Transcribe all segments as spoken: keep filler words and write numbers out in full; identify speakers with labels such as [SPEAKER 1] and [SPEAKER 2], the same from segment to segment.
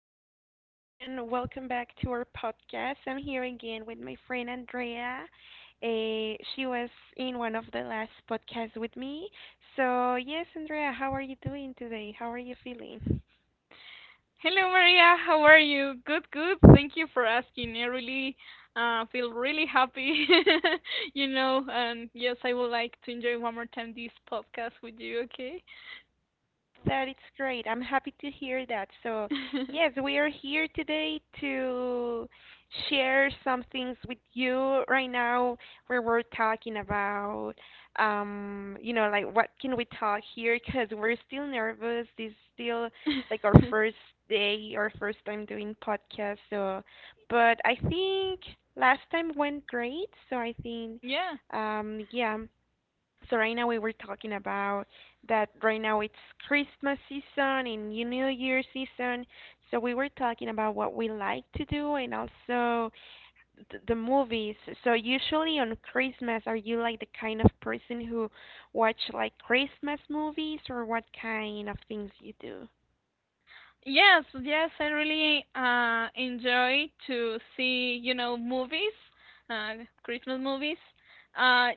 [SPEAKER 1] Hello, everyone, and welcome back to our podcast. I'm here again with my friend Andrea. Uh, she was in one of the last podcasts with me. So, yes, Andrea, how are you doing today? How are you feeling?
[SPEAKER 2] Hello, Maria. How are you? Good, good. Thank you for asking. I really uh, feel really happy, you know. And yes, I would like to enjoy one more time this podcast with you, okay?
[SPEAKER 1] That is great. I'm happy to hear that. So, yes, we are here today to share some things with you. Right now, where we're talking about, um, you know, like what can we talk here? Because we're still nervous. This is still like our first day, our first time doing podcast. So, but I think last time went great. So I think,
[SPEAKER 2] Yeah.
[SPEAKER 1] um, yeah. So right now we were talking about that right now it's Christmas season and New Year season. So we were talking about what we like to do and also th- the movies. So usually on Christmas, are you like the kind of person who watch like Christmas movies or what kind of things you do?
[SPEAKER 2] Yes, yes, I really uh, enjoy to see, you know, movies, uh, Christmas movies. Uh,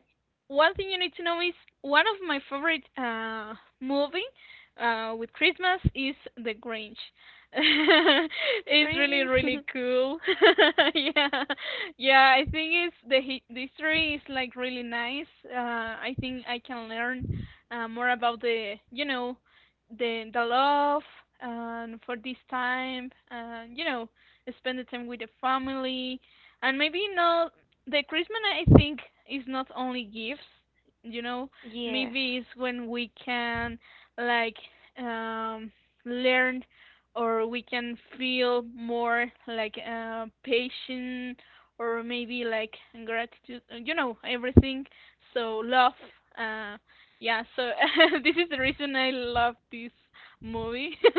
[SPEAKER 2] One thing you need to know is one of my favorite uh, movie uh, with Christmas is The Grinch. It's really,
[SPEAKER 1] Really?
[SPEAKER 2] really cool. Yeah, yeah. I think it's the hi- the history is like really nice. Uh, I think I can learn uh, more about the, you know the the love, and for this time, and you know spend the time with the family. And maybe, not the Christmas, I think, is not only gifts. you know
[SPEAKER 1] Yes.
[SPEAKER 2] maybe it's when we can, like, um learn, or we can feel more, like, uh patient, or maybe like gratitude, you know everything, so love, uh yeah, so this is the reason I love this movie.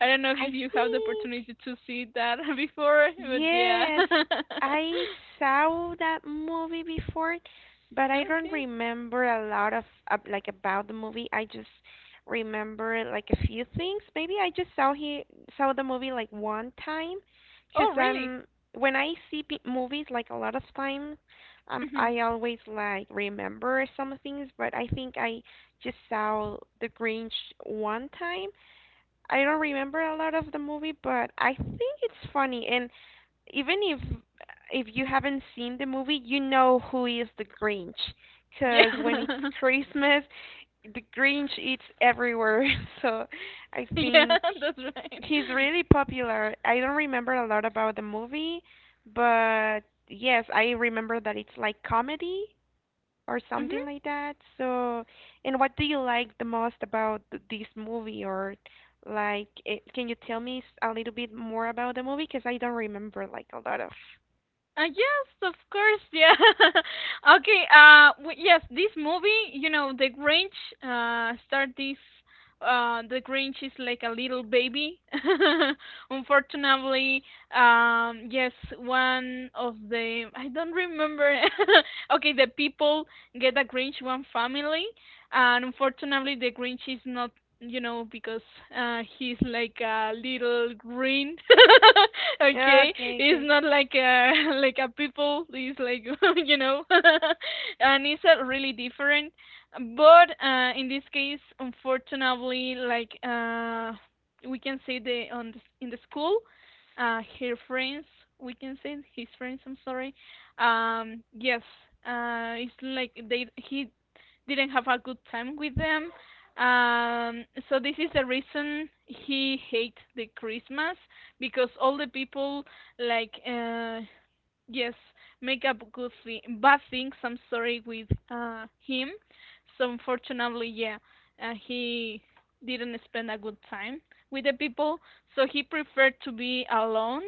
[SPEAKER 2] I don't know if
[SPEAKER 1] I
[SPEAKER 2] you have the
[SPEAKER 1] think.
[SPEAKER 2] opportunity to see that before, but yeah.
[SPEAKER 1] Yes, I saw that movie before, but I don't
[SPEAKER 2] Okay.
[SPEAKER 1] remember a lot of uh, like about the movie. I just remember like a few things. Maybe I just saw he saw the movie like one time,
[SPEAKER 2] Oh,
[SPEAKER 1] 'cause
[SPEAKER 2] really?
[SPEAKER 1] I'm when I see p movies like a lot of time, um,
[SPEAKER 2] Mhm.
[SPEAKER 1] I always like remember some things, but I think I just saw The Grinch one time. I don't remember a lot of the movie, but I think it's funny and even if if you haven't seen the movie, you know who is the Grinch,
[SPEAKER 2] Yeah.
[SPEAKER 1] because when it's Christmas, the Grinch is everywhere. So I
[SPEAKER 2] Yeah,
[SPEAKER 1] think
[SPEAKER 2] that's right.
[SPEAKER 1] he's really popular. I don't remember a lot about the movie, but yes, I remember that it's like comedy or
[SPEAKER 2] Mhm.
[SPEAKER 1] something like that. So, and what do you like the most about th- this movie, or like, it, can you tell me s- a little bit more about the movie? Because I don't remember like a lot of.
[SPEAKER 2] Uh, yes, of course, yeah. Okay. Uh, w- yes, this movie, you know, the Grinch, uh, start this. uh, The Grinch is like a little baby. Unfortunately, um, yes, one of the, I don't remember, okay, the people get a Grinch, one family, and unfortunately the Grinch is not, you know, because uh, he's like a little green. Okay,
[SPEAKER 1] Okay,
[SPEAKER 2] he's
[SPEAKER 1] okay,
[SPEAKER 2] not like a like a people. He's like you know, and it's uh, really different. But uh, in this case, unfortunately, like uh, we can say the on the, in the school, uh, her friends. We can say his friends. I'm sorry. Um, yes. Uh, it's like they he didn't have a good time with them. Um, so this is the reason he hates the Christmas, because all the people, like uh, yes, make up good thi- bad things. I'm sorry with uh, him. So unfortunately, yeah, uh, he didn't spend a good time with the people. So he preferred to be alone,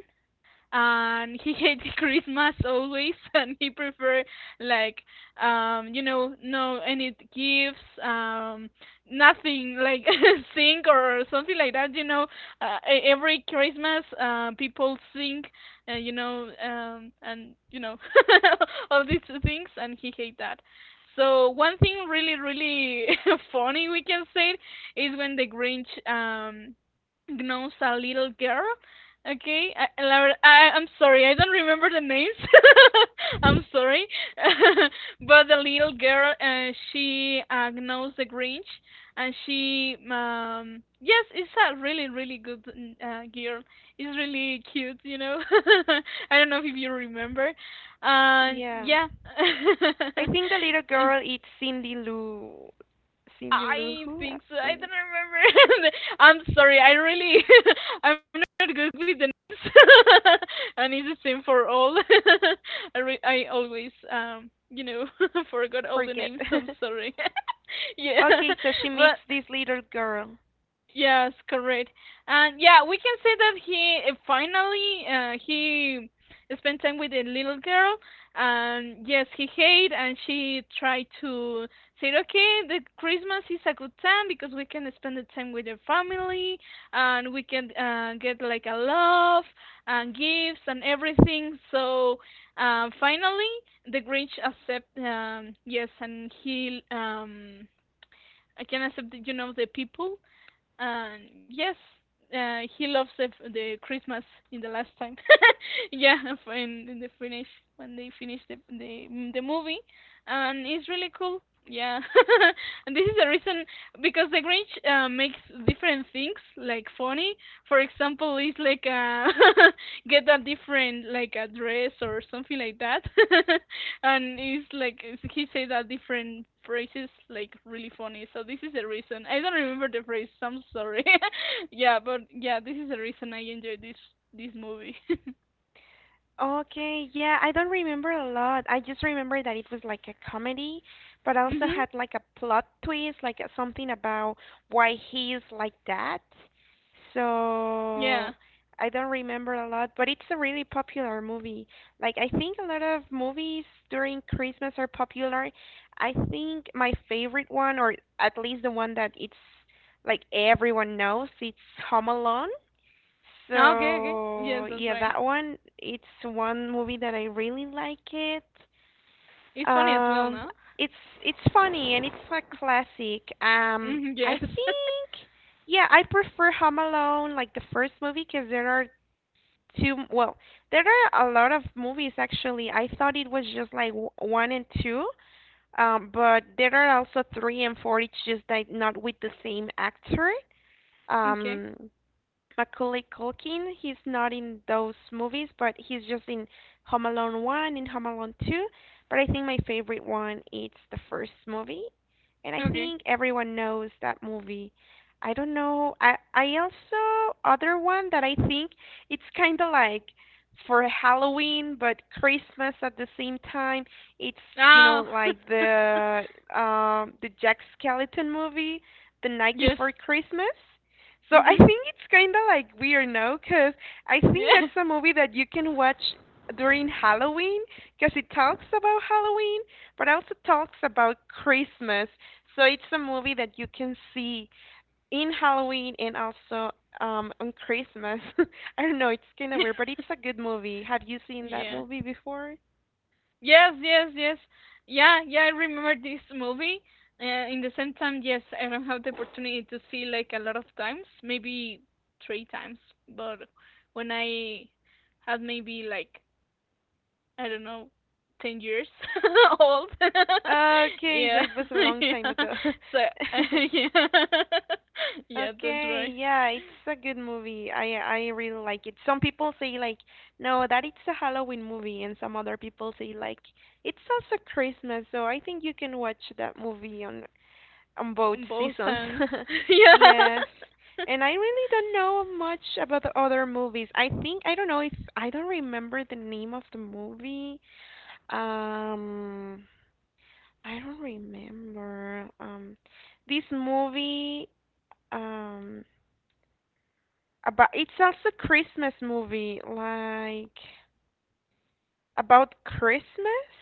[SPEAKER 2] and he hates Christmas always, and he prefer, like, um you know no any gifts, um nothing like sing or something like that. You know, uh, e- every Christmas uh, people sing, uh, you know, um and you know all these things, and he hate that. So one thing, really, really funny, we can say, is when the Grinch um knows a little girl. Okay, I, la I, I'm sorry, I don't remember the names. I'm sorry, but the little girl, uh, she uh, knows the Grinch, and she, um, yes, it's a really, really good mm, uh, girl. It's really cute, you know. I don't know if you remember, and
[SPEAKER 1] yeah.
[SPEAKER 2] yeah,
[SPEAKER 1] I think the little girl is Cindy Lou, Cindy Lou
[SPEAKER 2] I
[SPEAKER 1] who? Uh,
[SPEAKER 2] think so. I don't
[SPEAKER 1] Something.
[SPEAKER 2] remember. I'm sorry. I really, I'm not good with the names, and it's the same for all. I re- I always um you know forgot all the
[SPEAKER 1] Forget.
[SPEAKER 2] names. I'm sorry. Yeah,
[SPEAKER 1] Okay, so she meets
[SPEAKER 2] but
[SPEAKER 1] this little girl.
[SPEAKER 2] yes, correct. And yeah, we can say that he uh, finally uh, he spent time with a little girl. And yes, he hate, and she tried to say, okay, the Christmas is a good time, because we can spend the time with your family, and we can uh, get like a love and gifts and everything. So uh, finally, the Grinch accept. Um, yes, and he um. I can accept, you know, the people. And yes, uh, he loves the, the Christmas in the last time. Yeah, in, in the finish when they finish the the the movie, and it's really cool. Yeah, and this is the reason because the Grinch uh, makes different things like funny, for example. It's like a get a different, like, a dress or something like that, and it's like he said a different phrases like really funny. So this is the reason. I don't remember the phrase, so I'm sorry. Yeah, but yeah, this is the reason I enjoyed this this movie.
[SPEAKER 1] Okay, yeah, I don't remember a lot. I just remember that it was like a comedy, but also
[SPEAKER 2] Mhm.
[SPEAKER 1] had like a plot twist, like uh, something about why he is like that.
[SPEAKER 2] Yeah.
[SPEAKER 1] So I don't remember a lot, but it's a really popular movie. Like I think a lot of movies during Christmas are popular. I think my favorite one, or at least the one that it's like everyone knows, it's Home Alone.
[SPEAKER 2] Ah, okay. Okay. Yes,
[SPEAKER 1] So
[SPEAKER 2] that's
[SPEAKER 1] yeah,
[SPEAKER 2] right.
[SPEAKER 1] that one it's one movie that I really like it.
[SPEAKER 2] It's funny as well,
[SPEAKER 1] Um
[SPEAKER 2] no?
[SPEAKER 1] it's it's funny and it's a classic. Um
[SPEAKER 2] Mhm.
[SPEAKER 1] I
[SPEAKER 2] Yes.
[SPEAKER 1] think yeah, I prefer Home Alone like the first movie because there are two well, there are a lot of movies actually. I thought it was just like w- one and two. Um but there are also three and four. It's just like not with the same actor.
[SPEAKER 2] Okay.
[SPEAKER 1] Um Macaulay Culkin. He's not in those movies, but he's just in Home Alone one and Home Alone two. But I think my favorite one is the first movie. And I
[SPEAKER 2] Okay.
[SPEAKER 1] think everyone knows that movie. I don't know. I I also other one that I think it's kind of like for Halloween but Christmas at the same time. It's you know
[SPEAKER 2] Ah.
[SPEAKER 1] like the um the Jack Skeleton movie, The Night
[SPEAKER 2] Yes.
[SPEAKER 1] Before Christmas. So I
[SPEAKER 2] Mhm.
[SPEAKER 1] think it's kind of like weird, no? Because I think
[SPEAKER 2] Yeah.
[SPEAKER 1] that's a movie that you can watch during Halloween because it talks about Halloween, but also talks about Christmas. So it's a movie that you can see in Halloween and also um, on Christmas. I don't know, it's kind of weird, but it's a good movie. Have you seen that
[SPEAKER 2] Yeah.
[SPEAKER 1] movie before?
[SPEAKER 2] Yes, yes, yes. Yeah, yeah, I remember this movie. Uh, in the same time, yes, I don't have the opportunity to see like a lot of times, maybe three times. But when I had maybe like, I don't know, 10 years old.
[SPEAKER 1] Okay, so
[SPEAKER 2] Yeah,
[SPEAKER 1] it was a long
[SPEAKER 2] yeah.
[SPEAKER 1] time ago.
[SPEAKER 2] So, yeah. Yeah, that's
[SPEAKER 1] Okay,
[SPEAKER 2] right.
[SPEAKER 1] yeah, it's a good movie. I I really like it. Some people say like, no, that it's a Halloween movie, and some other people say like, it's also Christmas. So I think you can watch that movie on on both
[SPEAKER 2] Both
[SPEAKER 1] seasons.
[SPEAKER 2] times. Yeah.
[SPEAKER 1] Yes. And I really don't know much about the other movies. I think I don't know if I don't remember the name of the movie. Um, I don't remember. Um, this movie. Um. About it's also Christmas movie, like about Christmas,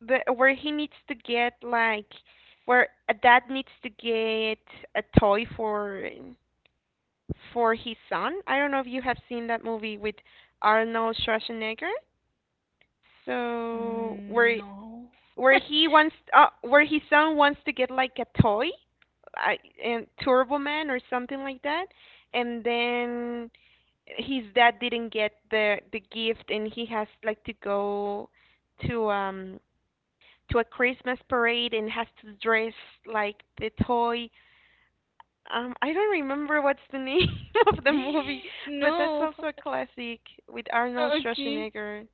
[SPEAKER 1] the where he needs to get like where a dad needs to get a toy for for his son. I don't know if you have seen that movie with Arnold Schwarzenegger. So
[SPEAKER 2] Mm,
[SPEAKER 1] where
[SPEAKER 2] no.
[SPEAKER 1] where he wants uh, where his son wants to get like a toy, I, and Turbo Man or something like that, and then his dad didn't get the the gift and he has like to go to um to a Christmas parade and has to dress like the toy. Um, I don't remember what's the name of the movie, but that's
[SPEAKER 2] No.
[SPEAKER 1] also a classic with Arnold
[SPEAKER 2] Okay.
[SPEAKER 1] Schwarzenegger.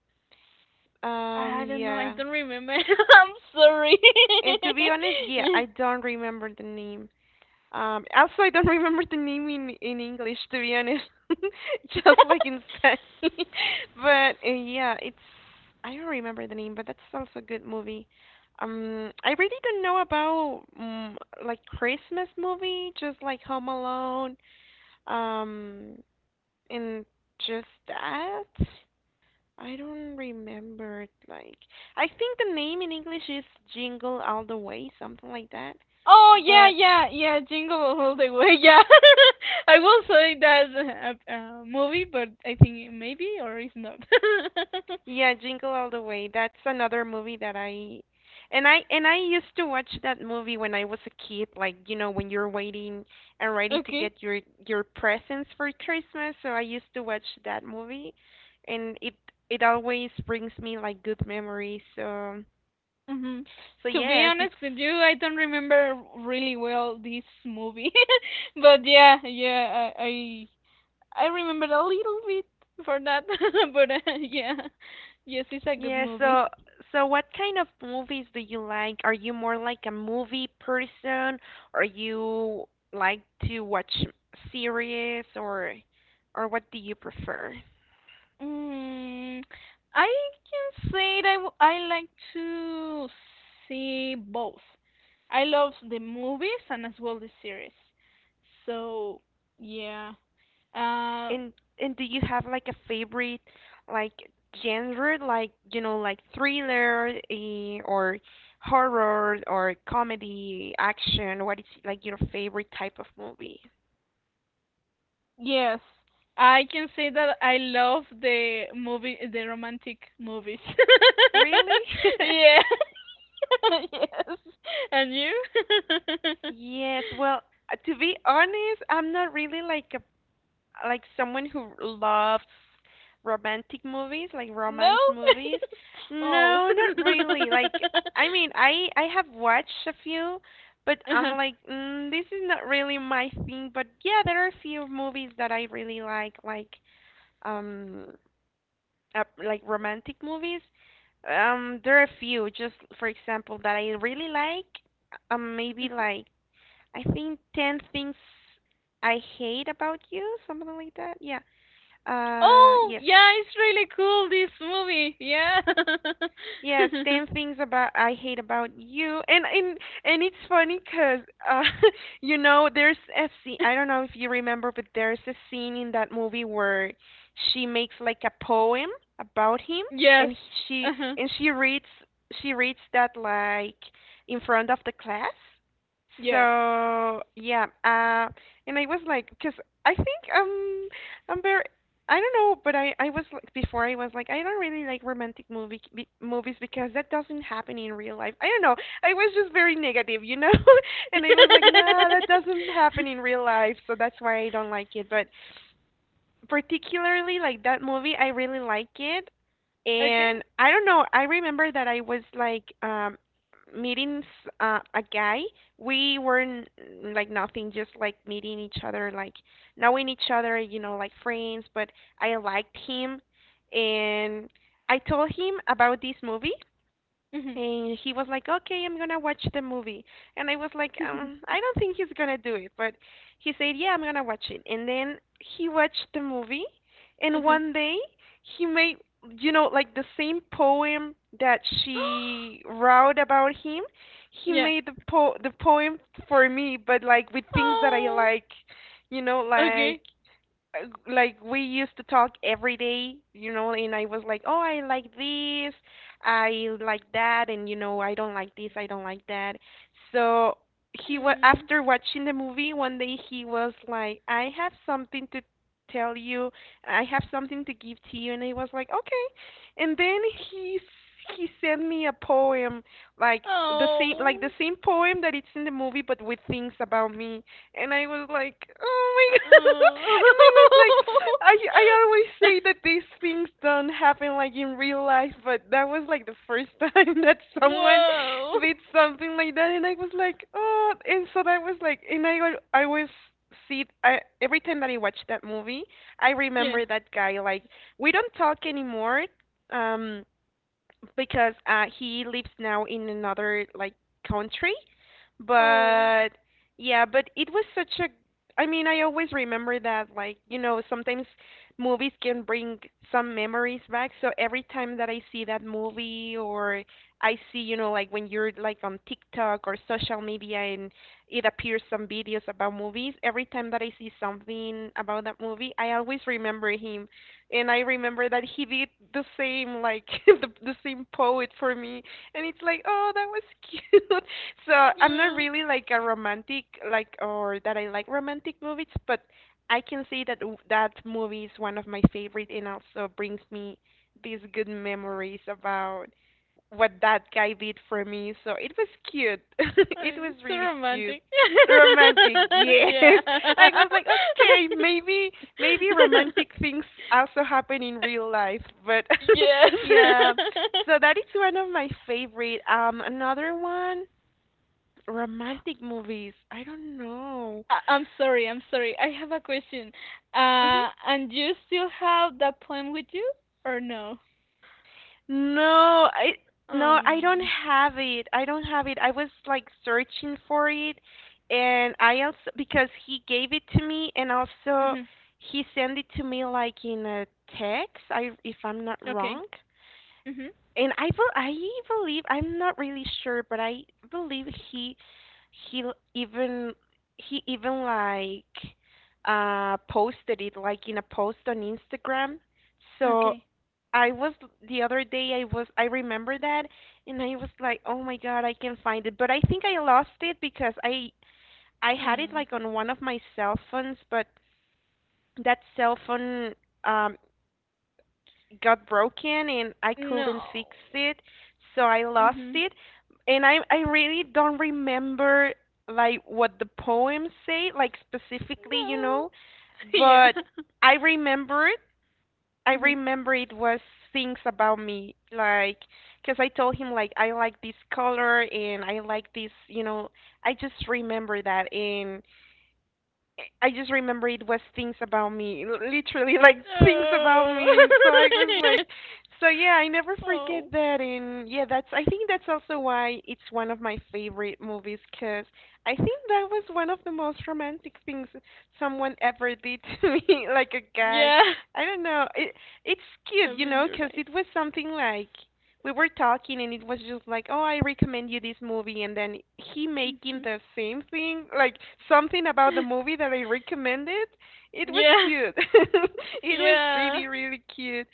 [SPEAKER 1] Um,
[SPEAKER 2] I don't know. I
[SPEAKER 1] yeah.
[SPEAKER 2] don't remember. I'm sorry.
[SPEAKER 1] And to be honest, yeah, I don't remember the name. Um, also, I don't remember the name in in English to be honest, just like in Spanish. But uh, yeah, it's I don't remember the name, but that's also a good movie. Um, I really don't know about um, like Christmas movie, just like Home Alone, um, and just that. I don't remember it, like I think the name in English is Jingle All the Way, something like that.
[SPEAKER 2] Oh, yeah,
[SPEAKER 1] But
[SPEAKER 2] yeah, yeah. Jingle all the way. Yeah, I will say that's a, a movie, but I think maybe, or it's not.
[SPEAKER 1] Yeah, Jingle All the Way. That's another movie that I and I and I used to watch that movie when I was a kid, like, you know, when you're waiting and ready to
[SPEAKER 2] Okay.
[SPEAKER 1] get your your presents for Christmas. So I used to watch that movie and it it always brings me like good memories. So
[SPEAKER 2] hmm
[SPEAKER 1] so
[SPEAKER 2] To be
[SPEAKER 1] yes, it's
[SPEAKER 2] honest with you, I don't remember really well this movie, but yeah, yeah, I I, I remember a little bit for that, but uh, yeah, yes, it's a good
[SPEAKER 1] Yeah,
[SPEAKER 2] movie.
[SPEAKER 1] so so what kind of movies do you like? Are you more like a movie person? Or you like to watch series or or what do you prefer?
[SPEAKER 2] Mm, I can say that I, w- I like to see both. I love the movies and as well the series. So, yeah. Um,
[SPEAKER 1] And and do you have like a favorite like genre like you know like thriller eh, or horror or comedy, action? What is like your favorite type of movie?
[SPEAKER 2] yes, I can say that I love the movie, the romantic movies.
[SPEAKER 1] Really?
[SPEAKER 2] Yeah. Yes. And you?
[SPEAKER 1] Yes, well, uh, to be honest, I'm not really like a like someone who loves romantic movies, like
[SPEAKER 2] No?
[SPEAKER 1] romance movies.
[SPEAKER 2] Oh.
[SPEAKER 1] No, not really. Like I I mean, I I have watched a few, but I'm like, mm, this is not really my thing. But yeah, there are a few movies that I really like, like um uh, like romantic movies. Um, there are a few, just for example, that I really like. Um, maybe like I think ten things I hate about you, something like that. Yeah. Uh,
[SPEAKER 2] Oh,
[SPEAKER 1] yes.
[SPEAKER 2] yeah, it's really cool this movie. Yeah.
[SPEAKER 1] Yes, ten things about I hate about you, and and and it's funny 'cause uh, you know there's a scene. I don't know if you remember, but there's a scene in that movie where she makes like a poem about him,
[SPEAKER 2] Yes.
[SPEAKER 1] and she
[SPEAKER 2] Uh-huh.
[SPEAKER 1] and she reads she reads that like in front of the class.
[SPEAKER 2] Yeah.
[SPEAKER 1] So yeah, uh, and I was like, cause I think um I'm very I don't know, but I I was like before I was like I don't really like romantic movie be, movies because that doesn't happen in real life. I don't know. I was just very negative, you know. And I was like, "Nah, that doesn't happen in real life." So that's why I don't like it. But particularly like that movie, I really like it.
[SPEAKER 2] Okay.
[SPEAKER 1] And I don't know, I remember that I was like um meeting s- uh, a guy. We weren't like nothing, just like meeting each other, like knowing each other, you know, like friends, but I liked him and I told him about this movie
[SPEAKER 2] Mhm.
[SPEAKER 1] and he was like, "Okay, I'm gonna watch the movie." And I was like, um, "I don't think he's gonna do it," but he said, "Yeah, I'm gonna watch it." And then he watched the movie, and
[SPEAKER 2] Mhm.
[SPEAKER 1] one day he made, you know, like the same poem that she wrote about him. He
[SPEAKER 2] Yeah.
[SPEAKER 1] made the po the poem for me, but like with things that I
[SPEAKER 2] Oh.
[SPEAKER 1] like, you know, like
[SPEAKER 2] Okay.
[SPEAKER 1] uh, like we used to talk every day, you know, and I was like, "Oh, I like this, I like that," and you know, I don't like this, I don't like that. So he was
[SPEAKER 2] Mm.
[SPEAKER 1] after watching the movie one day he was like, "I have something to tell you, I have something to give to you," and I was like, "Okay," and then he s- he sent me a poem, like the same, like the
[SPEAKER 2] Oh.
[SPEAKER 1] same poem that it's in the movie, but with things about me. And I was like, oh my god.
[SPEAKER 2] Oh.
[SPEAKER 1] And I was like, I I always say that these things don't happen like in real life, but that was like the first time that someone
[SPEAKER 2] Whoa.
[SPEAKER 1] did something like that. And I was like, oh, and so that was like, and I wa- I was see I, every time that I watch that movie, I
[SPEAKER 2] Yeah.
[SPEAKER 1] remember that guy. Like, we don't talk anymore. Um because uh, he lives now in another, like, country.
[SPEAKER 2] Oh.
[SPEAKER 1] But yeah, but it was such a. I mean, I always remember that. Like, you know, sometimes movies can bring some memories back. So every time that I see that movie, or I see, you know, like when you're like on TikTok or social media and it appears some videos about movies, every time that I see something about that movie, I always remember him, and I remember that he did the same, like the, the same poet for me, and it's like, oh, that was cute. So I'm not
[SPEAKER 2] Yeah.
[SPEAKER 1] really like a romantic, like, or that I like romantic movies, but I can say that w- that movie is one of my favorite, and also brings me these good memories about what that guy did for me. So it was cute. It
[SPEAKER 2] Uh,
[SPEAKER 1] was
[SPEAKER 2] so
[SPEAKER 1] really cute.
[SPEAKER 2] romantic.
[SPEAKER 1] Romantic, yes.
[SPEAKER 2] Yeah.
[SPEAKER 1] I was like, okay, maybe maybe romantic things also happen in real life, but
[SPEAKER 2] Yes.
[SPEAKER 1] yeah. So that is one of my favorite. Um, another one, romantic movies. I don't know.
[SPEAKER 2] I- I'm sorry, I'm sorry. I have a question.
[SPEAKER 1] Mm-hmm.
[SPEAKER 2] Uh, and you still have that poem with you, or no?
[SPEAKER 1] No, I no, I don't
[SPEAKER 2] Um.
[SPEAKER 1] have it. I don't have it. I was like searching for it, and I also, because he gave it to me, and also
[SPEAKER 2] Mhm.
[SPEAKER 1] he sent it to me like in a text, I if I'm not
[SPEAKER 2] Okay.
[SPEAKER 1] wrong,
[SPEAKER 2] Mhm.
[SPEAKER 1] and I bel I believe, I'm not really sure, but I believe he he l- even he even, like uh posted it like in a post on Instagram. So
[SPEAKER 2] Okay.
[SPEAKER 1] I was the other day, I was I remember that, and I was like, "Oh my God, I can find it." But I think I lost it because I I had it
[SPEAKER 2] Hmm.
[SPEAKER 1] like on one of my cell phones, but that cell phone um got broken, and I couldn't
[SPEAKER 2] No.
[SPEAKER 1] fix it, so I lost
[SPEAKER 2] Mhm.
[SPEAKER 1] it. And I I really don't remember like what the poem say, like specifically, you
[SPEAKER 2] No.
[SPEAKER 1] know,
[SPEAKER 2] Yeah.
[SPEAKER 1] but I remember it. I
[SPEAKER 2] Mhm.
[SPEAKER 1] remember it was things about me, like because I told him like I like this color and I like this, you know. I just remember that, and I just remember it was things about me, l- literally, like things about
[SPEAKER 2] No.
[SPEAKER 1] me, and so I was like, so yeah, I never forget
[SPEAKER 2] Oh.
[SPEAKER 1] that. And yeah, that's I think that's also why it's one of my favorite movies, cause I think that was one of the most romantic things someone ever did to me, like a guy.
[SPEAKER 2] Yeah.
[SPEAKER 1] I don't know, it it's cute, you
[SPEAKER 2] Having
[SPEAKER 1] know,
[SPEAKER 2] your
[SPEAKER 1] cause
[SPEAKER 2] life.
[SPEAKER 1] it was something like we were talking, and it was just like, oh, I recommend you this movie, and then he making
[SPEAKER 2] Mhm.
[SPEAKER 1] the same thing, like something about the movie that I recommended. It was
[SPEAKER 2] Yeah.
[SPEAKER 1] cute. It was
[SPEAKER 2] Yeah.
[SPEAKER 1] really really cute.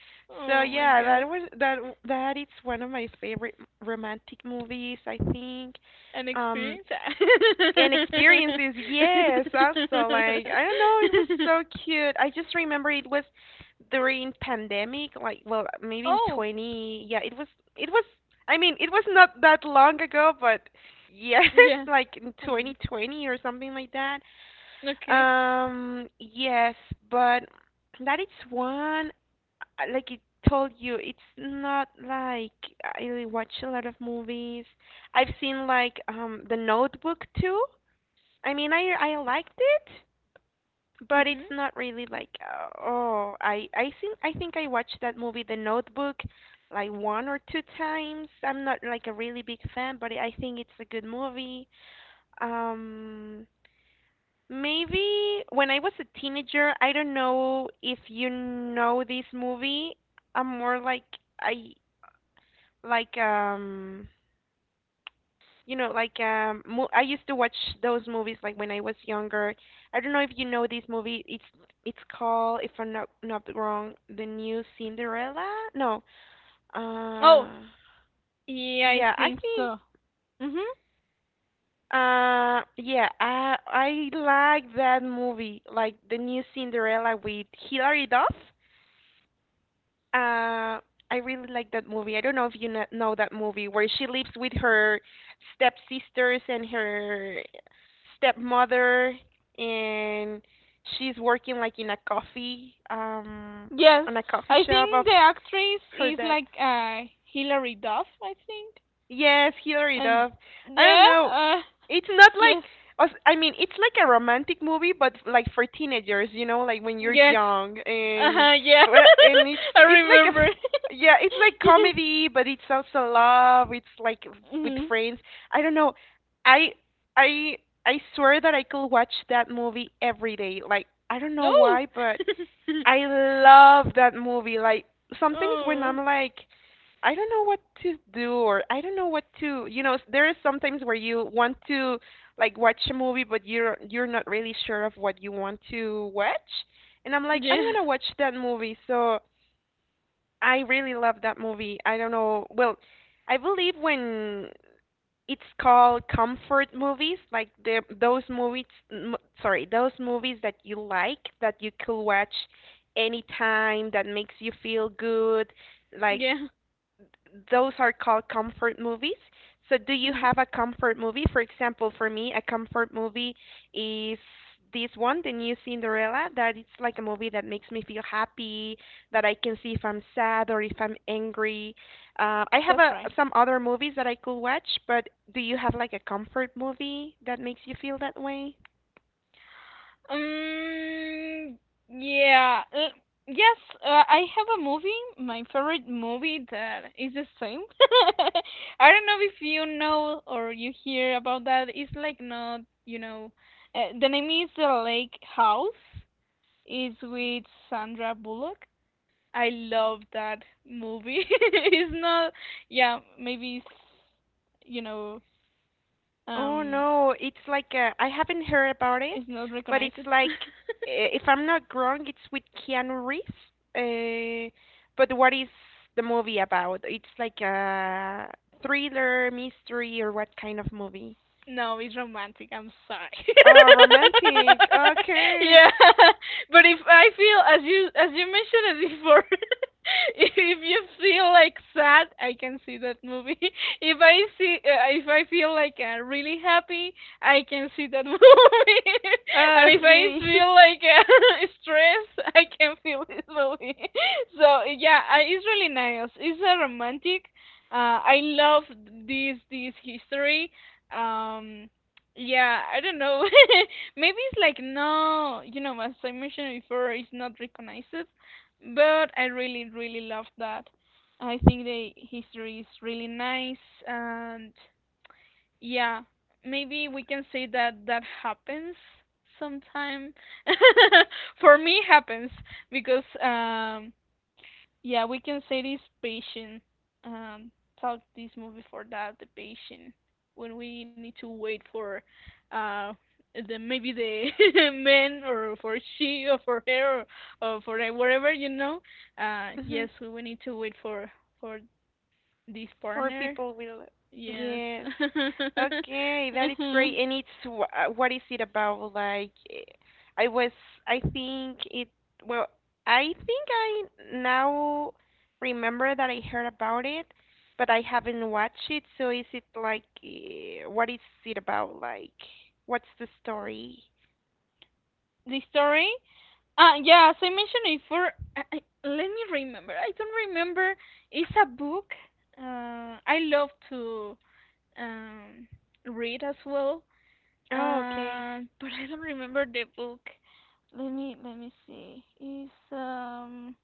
[SPEAKER 1] So
[SPEAKER 2] Oh my
[SPEAKER 1] yeah,
[SPEAKER 2] God.
[SPEAKER 1] that was that that is one of my favorite romantic movies, I think.
[SPEAKER 2] And
[SPEAKER 1] Um
[SPEAKER 2] experience that.
[SPEAKER 1] and experiences, yes, also, like, I don't know, it was so cute. I just remember it was during pandemic, like, well, maybe in
[SPEAKER 2] Oh,
[SPEAKER 1] twenty, yeah, it was, it was, I mean, it was not that long ago, but yes,
[SPEAKER 2] yeah.
[SPEAKER 1] like in
[SPEAKER 2] Um,
[SPEAKER 1] twenty twenty or something like that.
[SPEAKER 2] okay.
[SPEAKER 1] Um yes, but that is one, uh, like I told you, it's not like I really watch a lot of movies. I've seen like um The Notebook too. I mean, I I liked it, but
[SPEAKER 2] Mhm.
[SPEAKER 1] it's not really like uh, oh, I I think I think I watched that movie The Notebook like one or two times. I'm not like a really big fan, but I think it's a good movie. Um, Maybe when I was a teenager, I don't know if you know this movie. I'm more like, I like um you know, like, um, mo- I used to watch those movies like when I was younger. I don't know if you know this movie. It's it's called, if I'm not not wrong, the new Cinderella. No,
[SPEAKER 2] Oh,
[SPEAKER 1] uh,
[SPEAKER 2] yeah, I
[SPEAKER 1] yeah, I
[SPEAKER 2] think
[SPEAKER 1] think,
[SPEAKER 2] so. Mhm.
[SPEAKER 1] uh, yeah, I I like that movie, like the new Cinderella with Hilary Duff. Uh, I really like that movie. I don't know if you kn- know that movie where she lives with her stepsisters and her stepmother, and she's working like in a coffee, um,
[SPEAKER 2] Yes,
[SPEAKER 1] on a coffee
[SPEAKER 2] I
[SPEAKER 1] shop of
[SPEAKER 2] think the actress
[SPEAKER 1] her
[SPEAKER 2] is,
[SPEAKER 1] dad.
[SPEAKER 2] like, uh Hilary Duff, I think.
[SPEAKER 1] Yes, Hilary
[SPEAKER 2] And
[SPEAKER 1] Duff. I don't
[SPEAKER 2] yeah,
[SPEAKER 1] know.
[SPEAKER 2] uh,
[SPEAKER 1] It's not
[SPEAKER 2] yeah,
[SPEAKER 1] like us- I mean, it's like a romantic movie, but like for teenagers, you know, like when you're
[SPEAKER 2] yes.
[SPEAKER 1] young, and
[SPEAKER 2] Uh-huh, yeah.
[SPEAKER 1] but and it's
[SPEAKER 2] I
[SPEAKER 1] it's like a
[SPEAKER 2] remember.
[SPEAKER 1] f- yeah, it's like comedy, but it's also love. It's like with
[SPEAKER 2] Mhm.
[SPEAKER 1] friends. I don't know. I I I swear that I could watch that movie every day. Like, I don't know
[SPEAKER 2] No.
[SPEAKER 1] why, but I love that movie. Like, sometimes when I'm
[SPEAKER 2] Oh.
[SPEAKER 1] like, I don't know what to do, or I don't know what to, you know, there is sometimes where you want to like watch a movie, but you're you're not really sure of what you want to watch. And I'm like, I'm
[SPEAKER 2] Yeah.
[SPEAKER 1] gonna watch that movie. So I really love that movie. I don't know. Well, I believe when it's called comfort movies, like the those movies. m- Sorry, those movies that you like, that you could watch anytime, that makes you feel good. Like,
[SPEAKER 2] Yeah.
[SPEAKER 1] those are called comfort movies. So, do you
[SPEAKER 2] Mhm.
[SPEAKER 1] have a comfort movie? For example, for me, a comfort movie is this one, The New Cinderella, that it's like a movie that makes me feel happy, that I can see if I'm sad or if I'm angry. Uh, I have
[SPEAKER 2] That's
[SPEAKER 1] a,
[SPEAKER 2] right.
[SPEAKER 1] some other movies that I could watch, but do you have like a comfort movie that makes you feel that way?
[SPEAKER 2] Um, yeah. Uh, yes, uh, I have a movie, my favorite movie, that is the same. I don't know if you know or you hear about that. It's like not, you know, uh, the name is The Lake House. It's with Sandra Bullock. I love that movie. It's not, yeah, maybe it's, you know,
[SPEAKER 1] Oh
[SPEAKER 2] um,
[SPEAKER 1] no, it's like uh, I haven't heard about it,
[SPEAKER 2] it's not
[SPEAKER 1] but
[SPEAKER 2] recognized.
[SPEAKER 1] it's like uh, if I'm not wrong, it's with Keanu Reeves. Uh, but what is the movie about? It's like a thriller, mystery, or what kind of movie?
[SPEAKER 2] No, it's romantic. I'm sorry.
[SPEAKER 1] Oh, romantic. Okay.
[SPEAKER 2] Yeah, but if I feel, as you as you mentioned it before, if you feel like sad, I can see that movie. If I see uh, if I feel like uh, really happy, I can see that movie. And if I
[SPEAKER 1] Okay.
[SPEAKER 2] feel like uh, stress, I can feel this movie. So yeah, I, it's really nice. It's a romantic. Uh, I love this this history, um, yeah, I don't know. Maybe it's like no, you know, as I mentioned before, it's not recognized, but I really, really love that. I think the history is really nice, and yeah, maybe we can say that that happens sometime. For me, happens because um yeah, we can say this patient. Um, Talk this movie for that the patient, when we need to wait for uh the maybe the man, or for she, or for her, or, or for the- whatever you know. Uh, yes,
[SPEAKER 1] Mhm.
[SPEAKER 2] we will need to wait for for this
[SPEAKER 1] Four
[SPEAKER 2] partner.
[SPEAKER 1] people will.
[SPEAKER 2] Yes.
[SPEAKER 1] Yes. Okay, that is great.
[SPEAKER 2] Mhm.
[SPEAKER 1] And it's wh- uh, what is it about? Like, eh, I was, I think it, well, I think I now remember that I heard about it, but I haven't watched it. So is it like, eh, what is it about? Like, what's the story?
[SPEAKER 2] The story? Uh, yeah, as I mentioned before, I, I, let me remember. I don't remember. It's a book. Uh, I love to um, read as well,
[SPEAKER 1] Oh, okay.
[SPEAKER 2] uh, but I don't remember the book. Let me let me see. It's um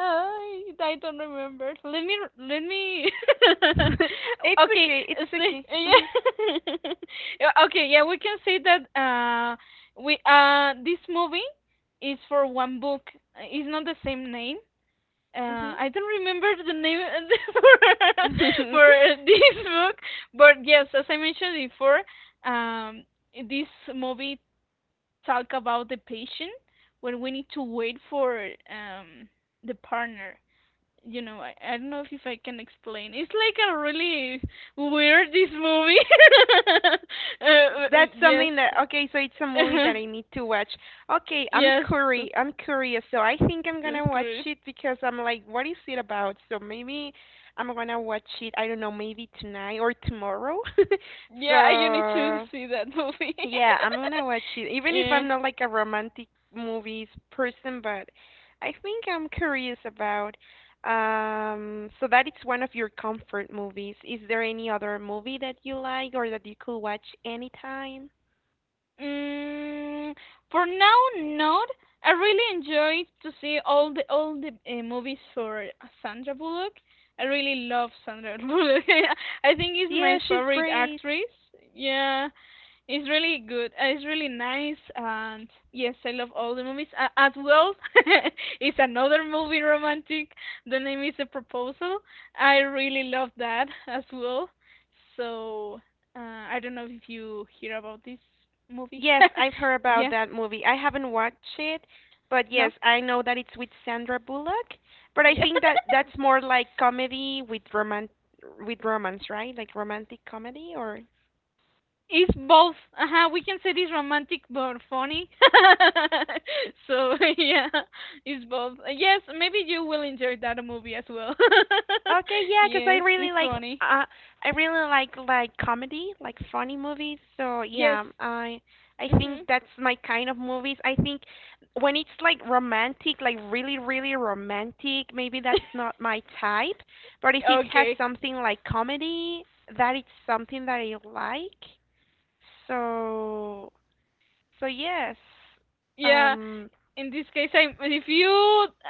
[SPEAKER 2] I I don't remember. Let me let me.
[SPEAKER 1] It's
[SPEAKER 2] Okay,
[SPEAKER 1] okay. It's
[SPEAKER 2] see,
[SPEAKER 1] okay.
[SPEAKER 2] yeah. Yeah, okay, yeah, we can say that uh we uh this movie is for one book. Uh, It's not the same name. Uh,
[SPEAKER 1] Mhm.
[SPEAKER 2] I don't remember the name for
[SPEAKER 1] Mhm.
[SPEAKER 2] for this book, but yes, as I mentioned before, um, this movie talk about the patient when we need to wait for um the partner, you know. I, I don't know if, if I can explain. It's like a really weird this movie. uh, uh, uh,
[SPEAKER 1] That's
[SPEAKER 2] yes,
[SPEAKER 1] something that, okay, so it's a movie that I need to watch. Okay, I'm
[SPEAKER 2] yes,
[SPEAKER 1] curious, I'm curious. So I think I'm gonna
[SPEAKER 2] that's
[SPEAKER 1] watch
[SPEAKER 2] great.
[SPEAKER 1] it, because I'm like, what is it about? So maybe I'm gonna watch it, I don't know, maybe tonight or tomorrow.
[SPEAKER 2] Yeah, you need to
[SPEAKER 1] So
[SPEAKER 2] see that movie.
[SPEAKER 1] yeah, I'm gonna watch it, even if
[SPEAKER 2] Yeah.
[SPEAKER 1] I'm not like a romantic movies person, but I think I'm curious about um so that it's one of your comfort movies. Is there any other movie that you like, or that you could watch anytime?
[SPEAKER 2] Mm, for now, not. I really enjoyed to see all the all the uh, movies for Sandra Bullock. I really love Sandra Bullock. I think is
[SPEAKER 1] Yeah,
[SPEAKER 2] my
[SPEAKER 1] she's
[SPEAKER 2] favorite
[SPEAKER 1] great.
[SPEAKER 2] actress. Yeah. It's really good. uh, It's really nice, and yes, I love all the movies. Uh, as well, it's another movie romantic. The name is The Proposal. I really love that as well. So uh, I don't know if you hear about this movie.
[SPEAKER 1] Yes, I've heard about
[SPEAKER 2] Yeah,
[SPEAKER 1] that movie. I haven't watched it, but yes,
[SPEAKER 2] no,
[SPEAKER 1] I know that it's with Sandra Bullock. But I
[SPEAKER 2] yeah,
[SPEAKER 1] think that that's more like comedy with roman with romance, right? Like romantic comedy or
[SPEAKER 2] it's both. Uh-huh. We can say it's romantic but funny. So yeah, it's both. Uh, Yes, maybe you will enjoy that movie as well.
[SPEAKER 1] okay, yeah, 'cause I
[SPEAKER 2] Yes,
[SPEAKER 1] really
[SPEAKER 2] it's
[SPEAKER 1] like
[SPEAKER 2] funny.
[SPEAKER 1] uh I really like like comedy, like funny movies. So
[SPEAKER 2] Yes.
[SPEAKER 1] yeah, um, I I think
[SPEAKER 2] Mhm.
[SPEAKER 1] that's my kind of movies. I think when it's like romantic, like really really romantic, maybe that's not my type. But if it has
[SPEAKER 2] Okay.
[SPEAKER 1] something like comedy, that is something that I like. So so yes,
[SPEAKER 2] Yeah.
[SPEAKER 1] um,
[SPEAKER 2] In this case, I if you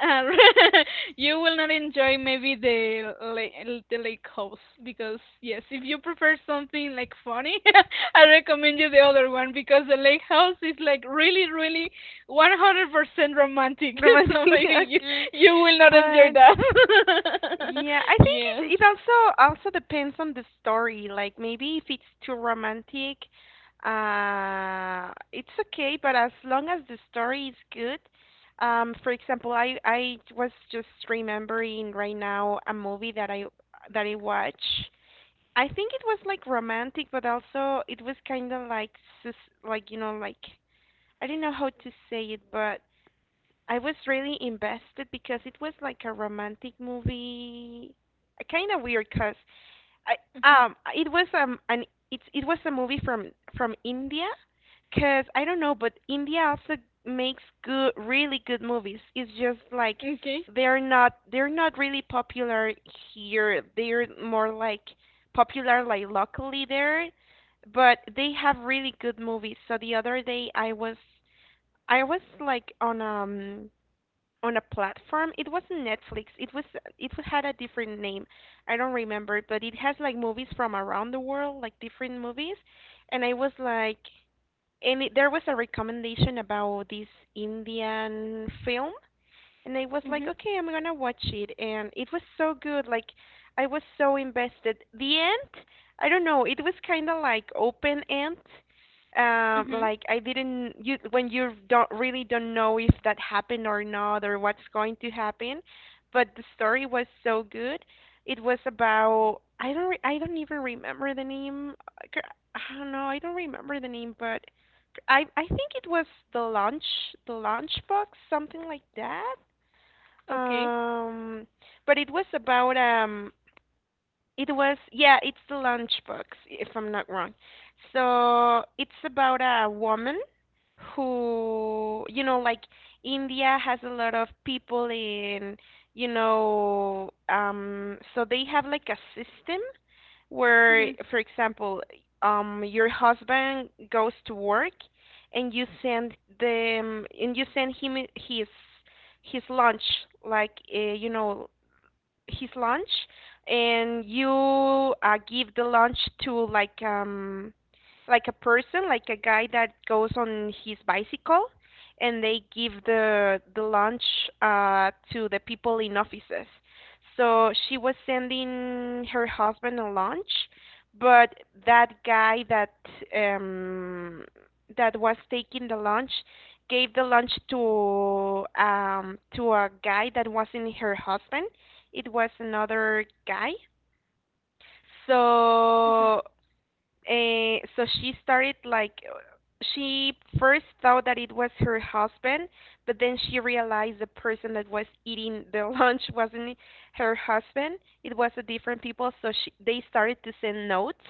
[SPEAKER 2] uh, you will not enjoy maybe the lake, the lake house, because yes, if you prefer something like funny, I recommend you the other one, because the lake house is like really really one hundred percent romantic. So
[SPEAKER 1] romantic.
[SPEAKER 2] maybe you
[SPEAKER 1] Okay,
[SPEAKER 2] you will not enjoy
[SPEAKER 1] but
[SPEAKER 2] that.
[SPEAKER 1] yeah, I think
[SPEAKER 2] Yes.
[SPEAKER 1] it it also also depends on the story. Like, maybe if it's too romantic, uh, it's okay. But as long as the story is good, um, for example, I I was just remembering right now a movie that I that I watched. I think it was like romantic, but also it was kind of like sus, like, you know, like, I don't know how to say it, but I was really invested, because it was like a romantic movie, kind of weird, because I
[SPEAKER 2] Mhm.
[SPEAKER 1] um it was um an it's it was a movie from from India, because I don't know, but India also makes good really good movies. It's just like
[SPEAKER 2] Okay.
[SPEAKER 1] they're not they're not really popular here. They're more like popular, like, locally there, but they have really good movies. So the other day I was I was like on um on a platform. It wasn't Netflix. It was it had a different name. I don't remember, but it has like movies from around the world, like different movies. And I was like, and it, there was a recommendation about this Indian film, and I was like,
[SPEAKER 2] Mhm.
[SPEAKER 1] okay, I'm gonna watch it, and it was so good. Like, I was so invested. The end, I don't know. It was kind of like open end. Um,
[SPEAKER 2] Mhm.
[SPEAKER 1] like I didn't you when you don't really don't know if that happened or not or what's going to happen, but the story was so good. It was about I don't re- I don't even remember the name. Uh, cr- I don't know. I don't remember the name, but I I think it was the launch the launch something like that.
[SPEAKER 2] Okay.
[SPEAKER 1] Um, but it was about um, it was yeah, it's The Lunchbox if I'm not wrong. So it's about a woman who you know like India has a lot of people in you know um so they have like a system where,
[SPEAKER 2] Mhm.
[SPEAKER 1] for example, um, your husband goes to work and you send them and you send him his his lunch, like uh, you know his lunch, and you uh, give the lunch to like um like a person, like a guy that goes on his bicycle, and they give the the lunch uh to the people in offices. So she was sending her husband a lunch, but that guy that um that was taking the lunch gave the lunch to um to a guy that wasn't her husband. It was another guy.
[SPEAKER 2] Mhm.
[SPEAKER 1] So uh, so she started like she first thought that it was her husband, but then she realized the person that was eating the lunch wasn't her husband. It was a different people. So she they started to send notes.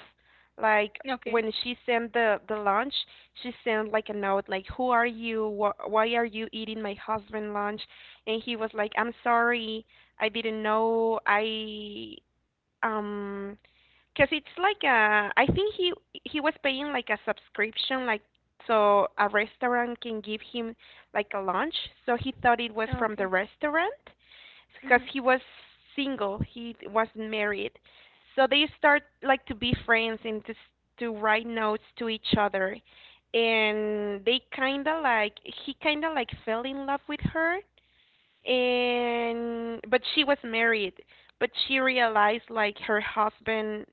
[SPEAKER 1] Like,
[SPEAKER 2] Okay.
[SPEAKER 1] when she sent the the lunch, she sent like a note like, "Who are you? Wh- why are you eating my husband lunch?" And he was like, "I'm sorry, I didn't know. I um." Cause it's like a, I think he he was paying like a subscription, like, so a restaurant can give him like a lunch. So he thought it was from the
[SPEAKER 2] Okay.
[SPEAKER 1] restaurant, because
[SPEAKER 2] Mhm.
[SPEAKER 1] he was single, he wasn't married. So they start like to be friends and to s- to write notes to each other, and they kinda like he kinda like fell in love with her, and but she was married, but she realized like her husband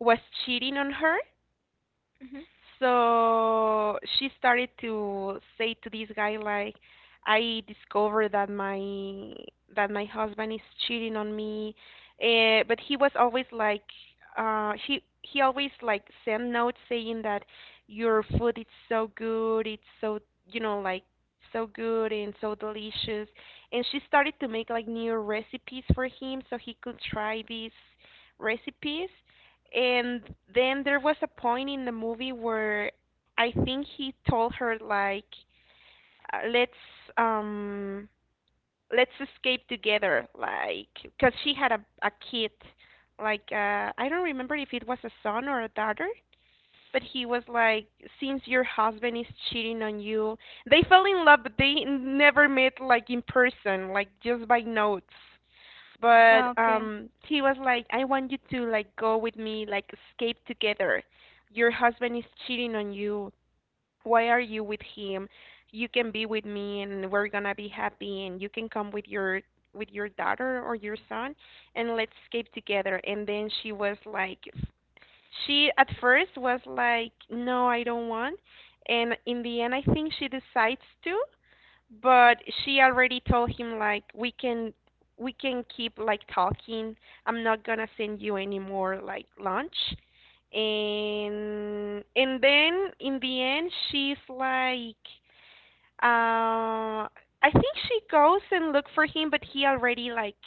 [SPEAKER 1] was cheating on her.
[SPEAKER 2] Mhm.
[SPEAKER 1] So she started to say to this guy like, I discovered that my that my husband is cheating on me, uh, but he was always like, uh, he he always like sent notes saying that your food is so good, it's so you know like so good and so delicious, and she started to make like new recipes for him so he could try these recipes. And then there was a point in the movie where I think he told her like, uh, let's um let's escape together, like, because she had a a kid, like uh I don't remember if it was a son or a daughter, but he was like, since your husband is cheating on you, they fell in love, but they never met like in person, like just by notes, but
[SPEAKER 2] Okay.
[SPEAKER 1] um he was like, I want you to like go with me, like escape together, your husband is cheating on you, why are you with him, you can be with me and we're gonna be happy and you can come with your with your daughter or your son and let's escape together. And then she was like, she at first was like, no, I don't want. And in the end I think she decides to, but she already told him like, we can we can keep like talking. I'm not gonna send you any more like lunch. And and then in the end she's like, uh, I think she goes and look for him, but he already like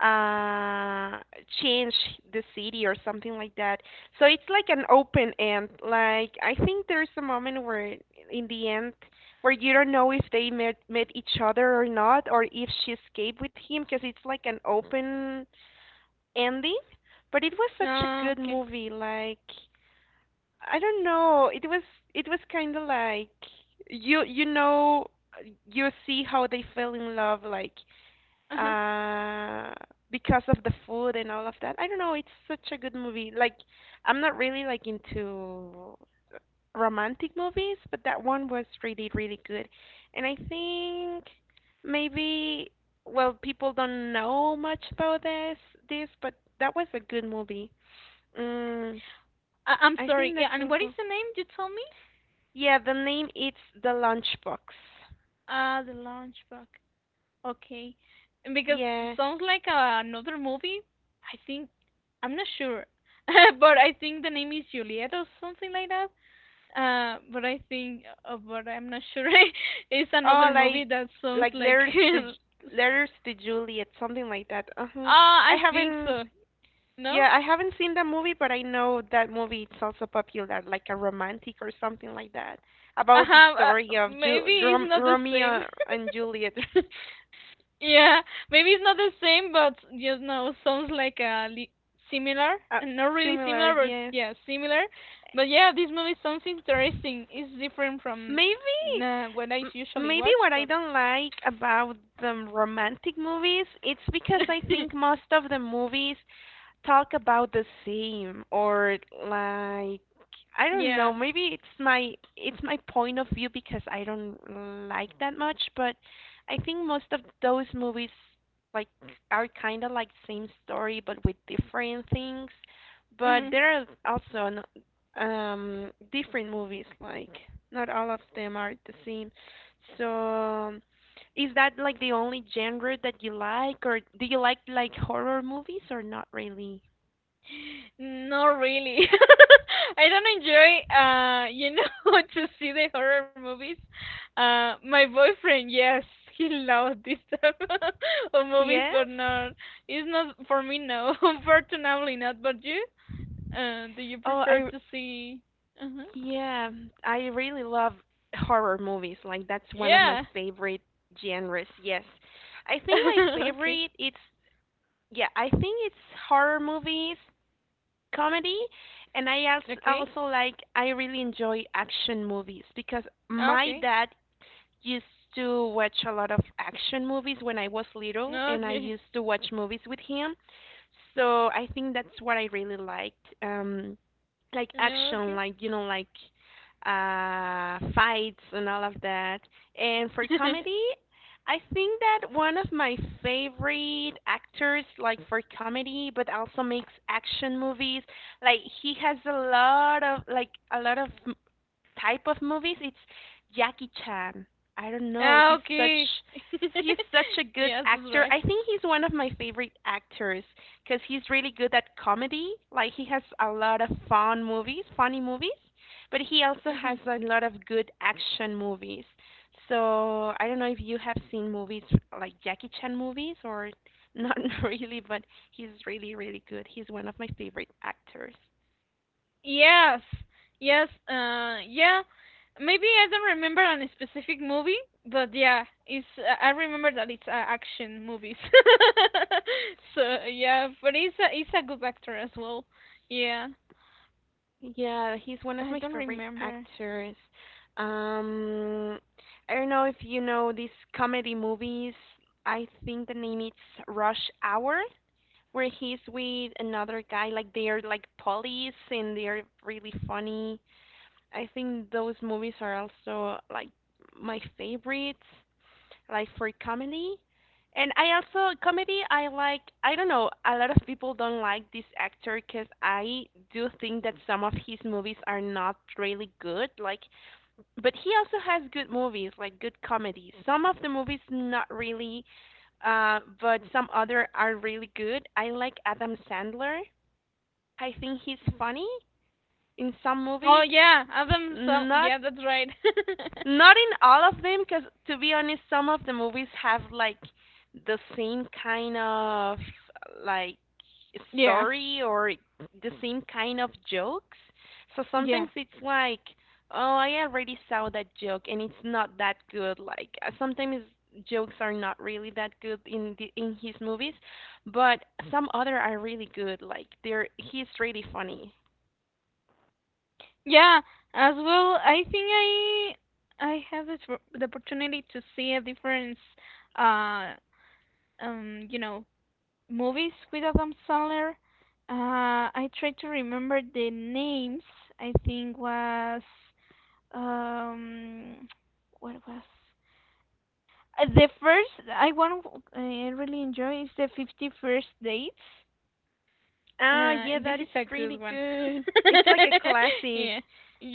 [SPEAKER 1] uh changed the city or something like that. So it's like an open end. Like, I think there's a moment where in the end where you don't know if they met met each other or not, or if she escaped with him, because it's like an open ending. But it was such a
[SPEAKER 2] Ah,
[SPEAKER 1] good
[SPEAKER 2] okay. Ah, okay.
[SPEAKER 1] movie. Like, I don't know. It was it was kind of like you you know you see how they fell in love like
[SPEAKER 2] Uh-huh.
[SPEAKER 1] uh because of the food and all of that. I don't know. It's such a good movie. Like, I'm not really like into romantic movies, but that one was really really good. And I think maybe well people don't know much about this this, but that was a good movie. Mm,
[SPEAKER 2] I- I'm
[SPEAKER 1] I
[SPEAKER 2] sorry.
[SPEAKER 1] think
[SPEAKER 2] Yeah,
[SPEAKER 1] that's
[SPEAKER 2] and what is
[SPEAKER 1] all.
[SPEAKER 2] the name you told me?
[SPEAKER 1] Yeah, the name it's The Lunchbox.
[SPEAKER 2] Ah, the launch bug. Okay. And because
[SPEAKER 1] Yeah.
[SPEAKER 2] sounds like uh, another movie. I think, I'm not sure, but I think the name is Juliet or something like that. Uh, but I think, uh, but I'm not sure. It's
[SPEAKER 1] Oh,
[SPEAKER 2] another
[SPEAKER 1] like
[SPEAKER 2] movie that sounds
[SPEAKER 1] like
[SPEAKER 2] like.
[SPEAKER 1] Letters to Ju- Letters to Juliet, something like that. Uh-huh.
[SPEAKER 2] Ah,
[SPEAKER 1] I
[SPEAKER 2] I think
[SPEAKER 1] haven't.
[SPEAKER 2] so. No?
[SPEAKER 1] Yeah, I haven't seen that movie, but I know that movie it's also popular, like a romantic or something like that, about the
[SPEAKER 2] Uh-huh. Uh,
[SPEAKER 1] story of Ju
[SPEAKER 2] maybe it's
[SPEAKER 1] Rom
[SPEAKER 2] not the same.
[SPEAKER 1] Romeo and Juliet.
[SPEAKER 2] Yeah, maybe it's not the same, but you know, sounds like a li- similar,
[SPEAKER 1] uh,
[SPEAKER 2] not really
[SPEAKER 1] Similar,
[SPEAKER 2] similar, but
[SPEAKER 1] yes.
[SPEAKER 2] yeah, similar. But yeah, this movie sounds interesting. It's different from
[SPEAKER 1] Maybe.
[SPEAKER 2] uh, what I
[SPEAKER 1] M-
[SPEAKER 2] usually
[SPEAKER 1] maybe
[SPEAKER 2] watch,
[SPEAKER 1] what I
[SPEAKER 2] but
[SPEAKER 1] don't like about the romantic movies, it's because I think most of the movies talk about the same, or like I don't know,
[SPEAKER 2] yeah.
[SPEAKER 1] maybe it's my it's my point of view because I don't like that much, but I think most of those movies like are kind of like same story but with different things. But
[SPEAKER 2] Mm-hmm.
[SPEAKER 1] there are also n- um different movies, like not all of them are the same. So is that like the only genre that you like, or do you like like horror movies or not really?
[SPEAKER 2] Not really. I don't enjoy, uh, you know, to see the horror movies. Uh, my boyfriend, yes, he loves this type of movies, but
[SPEAKER 1] Yes.
[SPEAKER 2] not, it's not for me, no. Unfortunately, not. But you, uh, do you
[SPEAKER 1] Oh,
[SPEAKER 2] prefer
[SPEAKER 1] I
[SPEAKER 2] to see? Uh-huh.
[SPEAKER 1] yeah, I really love horror movies. Like, that's one of my
[SPEAKER 2] Yeah.
[SPEAKER 1] favorite genres. Yes. I think my
[SPEAKER 2] Okay.
[SPEAKER 1] favorite it's yeah, I think it's horror movies, comedy, and I als-
[SPEAKER 2] Okay.
[SPEAKER 1] also like I really enjoy action movies because
[SPEAKER 2] Ah,
[SPEAKER 1] my
[SPEAKER 2] okay.
[SPEAKER 1] dad used to watch a lot of action movies when I was little,
[SPEAKER 2] No,
[SPEAKER 1] and I
[SPEAKER 2] okay.
[SPEAKER 1] used to watch movies with him. So I think that's what I really liked. Um, like
[SPEAKER 2] No,
[SPEAKER 1] action,
[SPEAKER 2] okay.
[SPEAKER 1] like you know, like uh, fights and all of that. And for comedy, I think that one of my favorite actors, like for comedy, but also makes action movies. Like, he has a lot of like a lot of type of movies, it's Jackie Chan. I don't know.
[SPEAKER 2] Ah,
[SPEAKER 1] He's such
[SPEAKER 2] okay.
[SPEAKER 1] he's such a good
[SPEAKER 2] Yes, that's
[SPEAKER 1] actor.
[SPEAKER 2] right.
[SPEAKER 1] I think he's one of my favorite actors because he's really good at comedy. Like, he has a lot of fun movies, funny movies, but he also
[SPEAKER 2] Mm-hmm.
[SPEAKER 1] has a lot of good action movies. So I don't know if you have seen movies like Jackie Chan movies or not really, but he's really really good. He's one of my favorite actors.
[SPEAKER 2] Yes, yes, uh, yeah. Maybe I don't remember on a specific movie, but yeah, it's uh, I remember that it's uh, action movies. So yeah, but he's a he's a good actor as well. Yeah,
[SPEAKER 1] Yeah, he's one of
[SPEAKER 2] I
[SPEAKER 1] my
[SPEAKER 2] don't
[SPEAKER 1] favorite
[SPEAKER 2] remember.
[SPEAKER 1] actors. Um, I don't know if you know these comedy movies. I think the name is Rush Hour, where he's with another guy. Like, they are like police, and they are really funny. I think those movies are also like my favorites like for comedy. And I also comedy. I like. I don't know. A lot of people don't like this actor because I do think that some of his movies are not really good. Like, but he also has good movies, like good comedy. Some of the movies not really, uh, but some other are really good. I like Adam Sandler. I think he's funny in some
[SPEAKER 2] Oh
[SPEAKER 1] movies,
[SPEAKER 2] yeah, Adam. Sal-
[SPEAKER 1] not
[SPEAKER 2] yeah, that's right.
[SPEAKER 1] not in all of them, because to be honest, some of the movies have like the same kind of like
[SPEAKER 2] Yeah,
[SPEAKER 1] story or the same kind of jokes. So
[SPEAKER 2] yeah,
[SPEAKER 1] sometimes it's like, oh, I already saw that joke and it's not that good. Like, uh, sometimes jokes are not really that good in the, in his movies, but some other are really good. Like, they're he's really funny.
[SPEAKER 2] yeah. As well, I think I I have this, r- the opportunity to see a difference. Uh, um, you know, movies with Adam Sandler. Uh, I try to remember the names. I think was um, what was uh, the first I want uh, I really enjoy is the Fifty First Dates. Uh,
[SPEAKER 1] Ah, yeah,
[SPEAKER 2] and this
[SPEAKER 1] that is
[SPEAKER 2] is a good
[SPEAKER 1] really
[SPEAKER 2] one.
[SPEAKER 1] good. It's like a classic.
[SPEAKER 2] Yeah,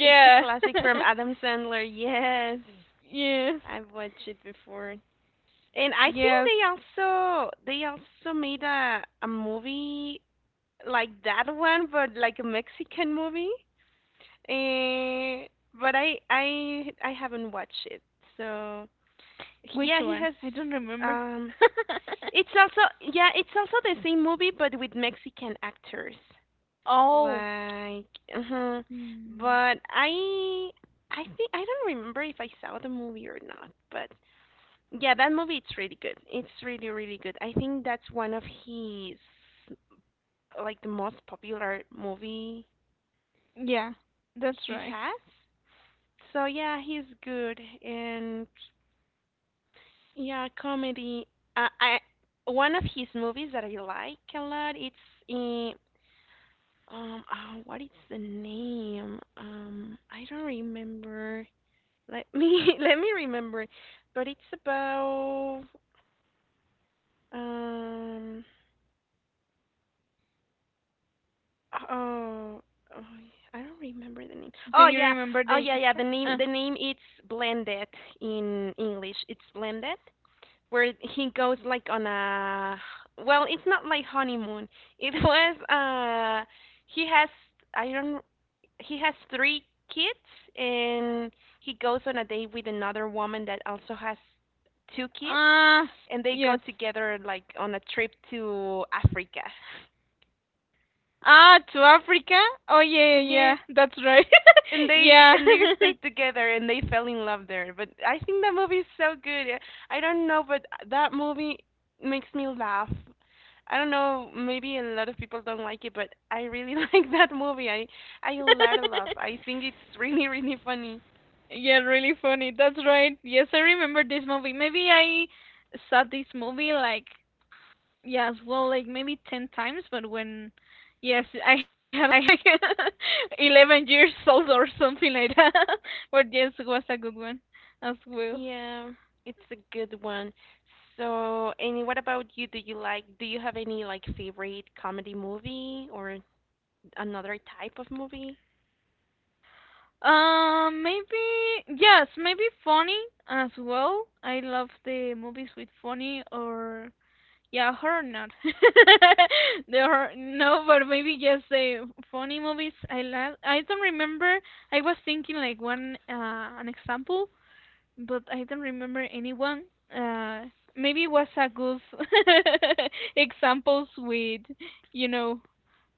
[SPEAKER 1] It's a classic from Adam Sandler. Yes,
[SPEAKER 2] yes,
[SPEAKER 1] I've watched it before. And I think
[SPEAKER 2] yes.
[SPEAKER 1] they also they also made a a movie like that one, but like a Mexican movie. Eh, but I I I haven't watched it. So
[SPEAKER 2] Which
[SPEAKER 1] yeah, he
[SPEAKER 2] one?
[SPEAKER 1] has
[SPEAKER 2] I don't remember.
[SPEAKER 1] um it's also yeah, it's also the same movie but with Mexican actors.
[SPEAKER 2] Oh,
[SPEAKER 1] Like, uh-huh.
[SPEAKER 2] mm,
[SPEAKER 1] But I I think I don't remember if I saw the movie or not, but yeah, that movie it's really good. It's really, really good. I think that's one of his like the most popular movie
[SPEAKER 2] yeah, that's
[SPEAKER 1] he
[SPEAKER 2] right.
[SPEAKER 1] has. So yeah, he's good and yeah, comedy. Uh, I one of his movies that I like a lot. It's in um uh, what is the name? Um, I don't remember. Let me let me remember it. But it's about um oh, oh I don't remember the name.
[SPEAKER 2] Do
[SPEAKER 1] Oh
[SPEAKER 2] you
[SPEAKER 1] yeah.
[SPEAKER 2] remember
[SPEAKER 1] Oh
[SPEAKER 2] the
[SPEAKER 1] yeah, yeah.
[SPEAKER 2] extra?
[SPEAKER 1] The name
[SPEAKER 2] Ah,
[SPEAKER 1] the name it's Blended in English. It's Blended, where he goes like on a well, it's not like honeymoon. It was uh he has I don't he has three kids and he goes on a date with another woman that also has two kids
[SPEAKER 2] ah,
[SPEAKER 1] and they go
[SPEAKER 2] yes.
[SPEAKER 1] together like on a trip to Africa.
[SPEAKER 2] Ah, to Africa? Oh yeah, yeah, yeah.
[SPEAKER 1] Yeah.
[SPEAKER 2] That's right.
[SPEAKER 1] And they
[SPEAKER 2] Yeah.
[SPEAKER 1] and they stayed together and they fell in love there. But I think that movie is so good. I don't know, but that movie makes me laugh. I don't know, maybe a lot of people don't like it, but I really like that movie. I I had a lot of laugh. I think it's really really funny.
[SPEAKER 2] Yeah, really funny. That's right. Yes, I remember this movie. Maybe I saw this movie like, yes, well, like maybe ten times, but when yes, I had like eleven years old or something like that. But yes, it was a good one as well.
[SPEAKER 1] Yeah, it's a good one. So, and what about you? Do you like, do you have any like favorite comedy movie or another type of movie?
[SPEAKER 2] Um, maybe yes, maybe funny as well. I love the movies with funny or yeah, horror not. The horror, no, but maybe yes, the funny movies. I love. I don't remember. I was thinking like one, uh an example, but I don't remember anyone. Uh, maybe it was a goof examples with, you know,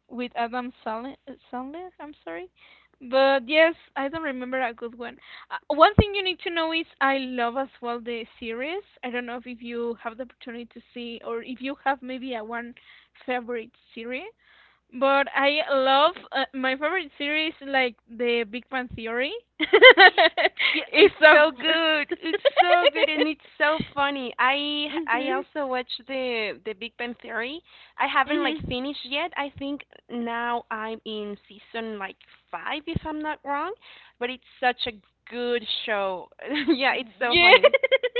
[SPEAKER 2] with Adam Sandler, Sandler. I'm sorry, but yes, I don't remember a good one. Uh, one thing you need to know is I love as well the series. I don't know if if you have the opportunity to see, or if you have maybe a one favorite series, but I love uh, my favorite series like the Big Bang Theory.
[SPEAKER 1] Yeah, it's
[SPEAKER 2] It's
[SPEAKER 1] so
[SPEAKER 2] a.
[SPEAKER 1] good. It's so good and it's so funny. I I
[SPEAKER 2] Mhm,
[SPEAKER 1] also watched the the Big Bang Theory. I haven't like
[SPEAKER 2] mhm.
[SPEAKER 1] finished yet. I think now I'm in season like five if I'm not wrong, but it's such a good show. Yeah, it's so
[SPEAKER 2] Yeah,
[SPEAKER 1] funny.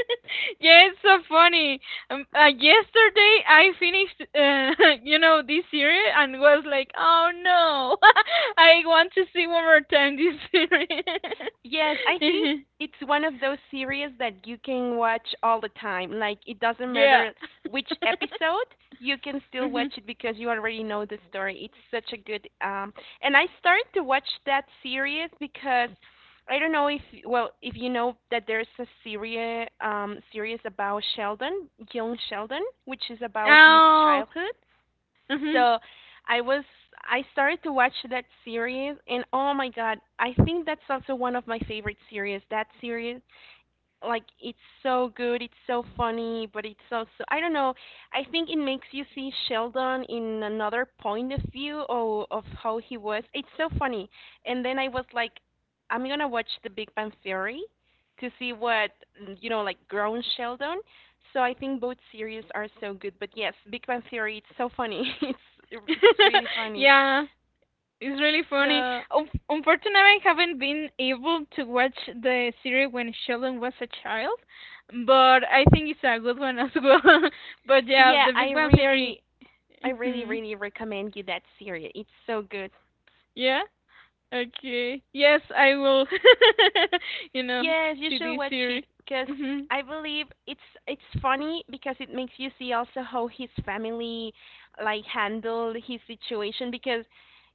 [SPEAKER 2] yeah, it's so funny. Um, uh, yesterday I finished, uh, you know, this series and was like, oh no, I want to see one more time this series.
[SPEAKER 1] Yes, I think it's one of those series that you can watch all the time. Like it doesn't
[SPEAKER 2] Yeah.
[SPEAKER 1] matter which episode, you can still
[SPEAKER 2] Hmm.
[SPEAKER 1] watch it because you already know the story. It's such a good um and I started to watch that series because I don't know if well, if you know that there's a series um series about Sheldon, Young Sheldon, which is about his
[SPEAKER 2] Oh.
[SPEAKER 1] childhood.
[SPEAKER 2] Hmm.
[SPEAKER 1] So I was I started to watch that series and oh my god, I think that's also one of my favorite series. That series like it's so good, it's so funny, but it's also I don't know. I think it makes you see Sheldon in another point of view of of how he was. It's so funny. And then I was like, I'm gonna watch The Big Bang Theory to see what mm, you know like grown Sheldon. So I think both series are so good. But yes, Big Bang Theory, it's so funny. it's it's really funny.
[SPEAKER 2] Yeah. It's really funny.
[SPEAKER 1] So
[SPEAKER 2] Unf- Unfortunately, I haven't been able to watch the series when Sheldon was a child, but I think it's a good one as well. But yeah,
[SPEAKER 1] yeah,
[SPEAKER 2] The
[SPEAKER 1] I
[SPEAKER 2] Big Bang Theory.
[SPEAKER 1] really I really
[SPEAKER 2] Hmm.
[SPEAKER 1] really recommend you that series. It's so good.
[SPEAKER 2] Yeah. Okay. Yes, I will. You know,
[SPEAKER 1] Yes, you
[SPEAKER 2] see
[SPEAKER 1] should
[SPEAKER 2] this
[SPEAKER 1] watch
[SPEAKER 2] series.
[SPEAKER 1] it because
[SPEAKER 2] Hmm.
[SPEAKER 1] I believe it's it's funny because it makes you see also how his family like handled his situation because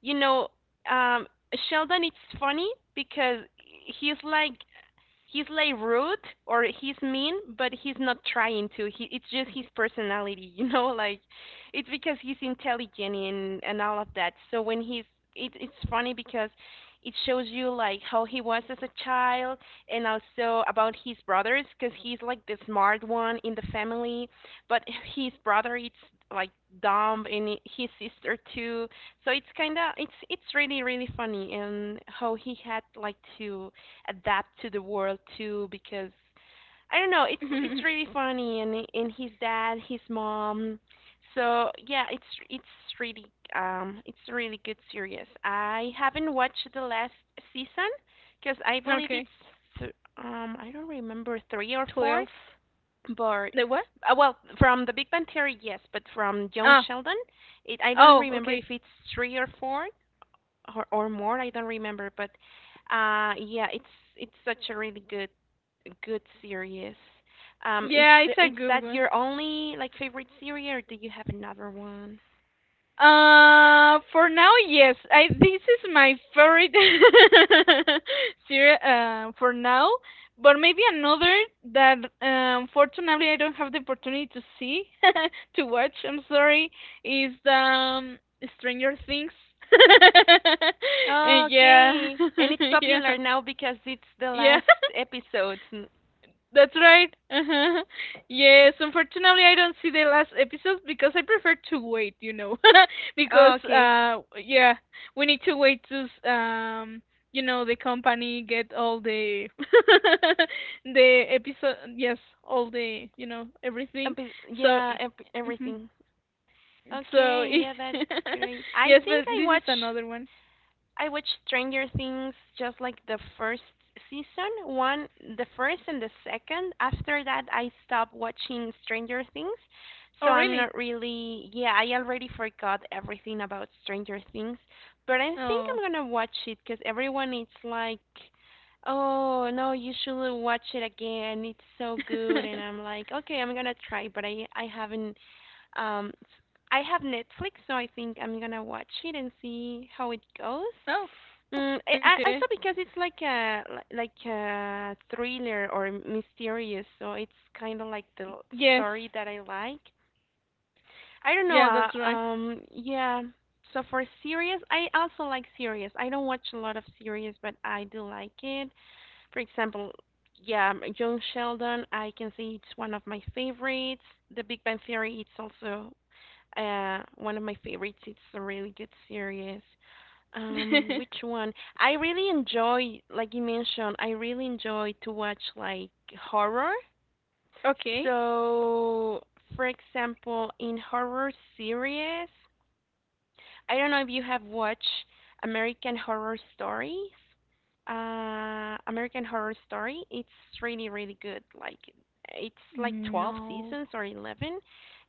[SPEAKER 1] you know um Sheldon, it's funny because he's like he's like rude or he's mean, but he's not trying to. He It's just his personality, you know, like it's because he's intelligent and and all of that. So when he's it it's funny because it shows you like how he was as a child and also about his brothers because he's like the smart one in the family but his brother it's like dumb and his sister too, so it's kind of it's it's really really funny and how he had like to adapt to the world too because I don't know, it's it's
[SPEAKER 2] Hmm.
[SPEAKER 1] really funny and and his dad, his mom. So yeah, it's it's really um it's a really good series. I haven't watched the last season because I believe
[SPEAKER 2] Okay.
[SPEAKER 1] it's th- um I don't remember three or four,
[SPEAKER 2] Twelve.
[SPEAKER 1] but
[SPEAKER 2] The what?
[SPEAKER 1] uh, well, from The Big Bang Theory, yes, but from Young
[SPEAKER 2] Ah.
[SPEAKER 1] Sheldon, it I don't
[SPEAKER 2] Oh.
[SPEAKER 1] remember
[SPEAKER 2] Okay.
[SPEAKER 1] if it's three or four or, or more. I don't remember, but uh, yeah, it's it's such a really good good series. Um, it's
[SPEAKER 2] Yeah,
[SPEAKER 1] the
[SPEAKER 2] it's a
[SPEAKER 1] it's
[SPEAKER 2] good
[SPEAKER 1] that
[SPEAKER 2] one.
[SPEAKER 1] your only like favorite series, or do you have another one?
[SPEAKER 2] Uh, for now, yes. I This is my favorite series uh, for now, but maybe another that um, fortunately I don't have the opportunity to see, to watch. I'm sorry. Is um Stranger Things? Uh, yeah,
[SPEAKER 1] Okay, and it's
[SPEAKER 2] yeah,
[SPEAKER 1] popular now because it's the
[SPEAKER 2] yeah.
[SPEAKER 1] last episodes. n-
[SPEAKER 2] That's right. Uh-huh. Yes, unfortunately, I don't see the last episode because I prefer to wait, you know. Because,
[SPEAKER 1] Okay,
[SPEAKER 2] uh yeah, we need to wait to s- um you know, the company get all the the episode, yes, all the, you know, everything.
[SPEAKER 1] Epi-
[SPEAKER 2] So
[SPEAKER 1] yeah,
[SPEAKER 2] i-
[SPEAKER 1] ep-
[SPEAKER 2] mhm.
[SPEAKER 1] everything.
[SPEAKER 2] so
[SPEAKER 1] Okay,
[SPEAKER 2] i-
[SPEAKER 1] yeah, that is great. I
[SPEAKER 2] yes,
[SPEAKER 1] think
[SPEAKER 2] but
[SPEAKER 1] I
[SPEAKER 2] this is
[SPEAKER 1] watch
[SPEAKER 2] another one.
[SPEAKER 1] I watched Stranger Things just like the first season, one, the first and the second. After that, I stopped watching Stranger Things,
[SPEAKER 2] Oh,
[SPEAKER 1] so I'm
[SPEAKER 2] really?
[SPEAKER 1] not really, yeah, I already forgot everything about Stranger Things, but I think
[SPEAKER 2] Oh.
[SPEAKER 1] I'm gonna watch it because everyone is like, oh no, you should watch it again. It's so good, and I'm like, okay, I'm gonna try, but I I haven't um I have Netflix, so I think I'm gonna watch it and see how it goes.
[SPEAKER 2] Oh,
[SPEAKER 1] Mm, a-
[SPEAKER 2] okay.
[SPEAKER 1] a- also because it's like a li- like a thriller or mysterious, so it's kind of like the l-
[SPEAKER 2] Yes.
[SPEAKER 1] story that I like. I don't
[SPEAKER 2] Yeah,
[SPEAKER 1] know.
[SPEAKER 2] that's
[SPEAKER 1] Uh,
[SPEAKER 2] right.
[SPEAKER 1] um, yeah. So for series, I also like series. I don't watch a lot of series, but I do like it. For example, yeah, m- Young Sheldon. I can say it's one of my favorites. The Big Bang Theory. It's also uh one of my favorites. It's a really good series. Um, which one? I really enjoy, like you mentioned, I really enjoy to watch like horror.
[SPEAKER 2] Okay.
[SPEAKER 1] So, for example, in horror series, I don't know if you have watched American Horror Stories. Uh, American Horror Story. It's really, really good. Like it's like twelve
[SPEAKER 2] No.
[SPEAKER 1] seasons or eleven,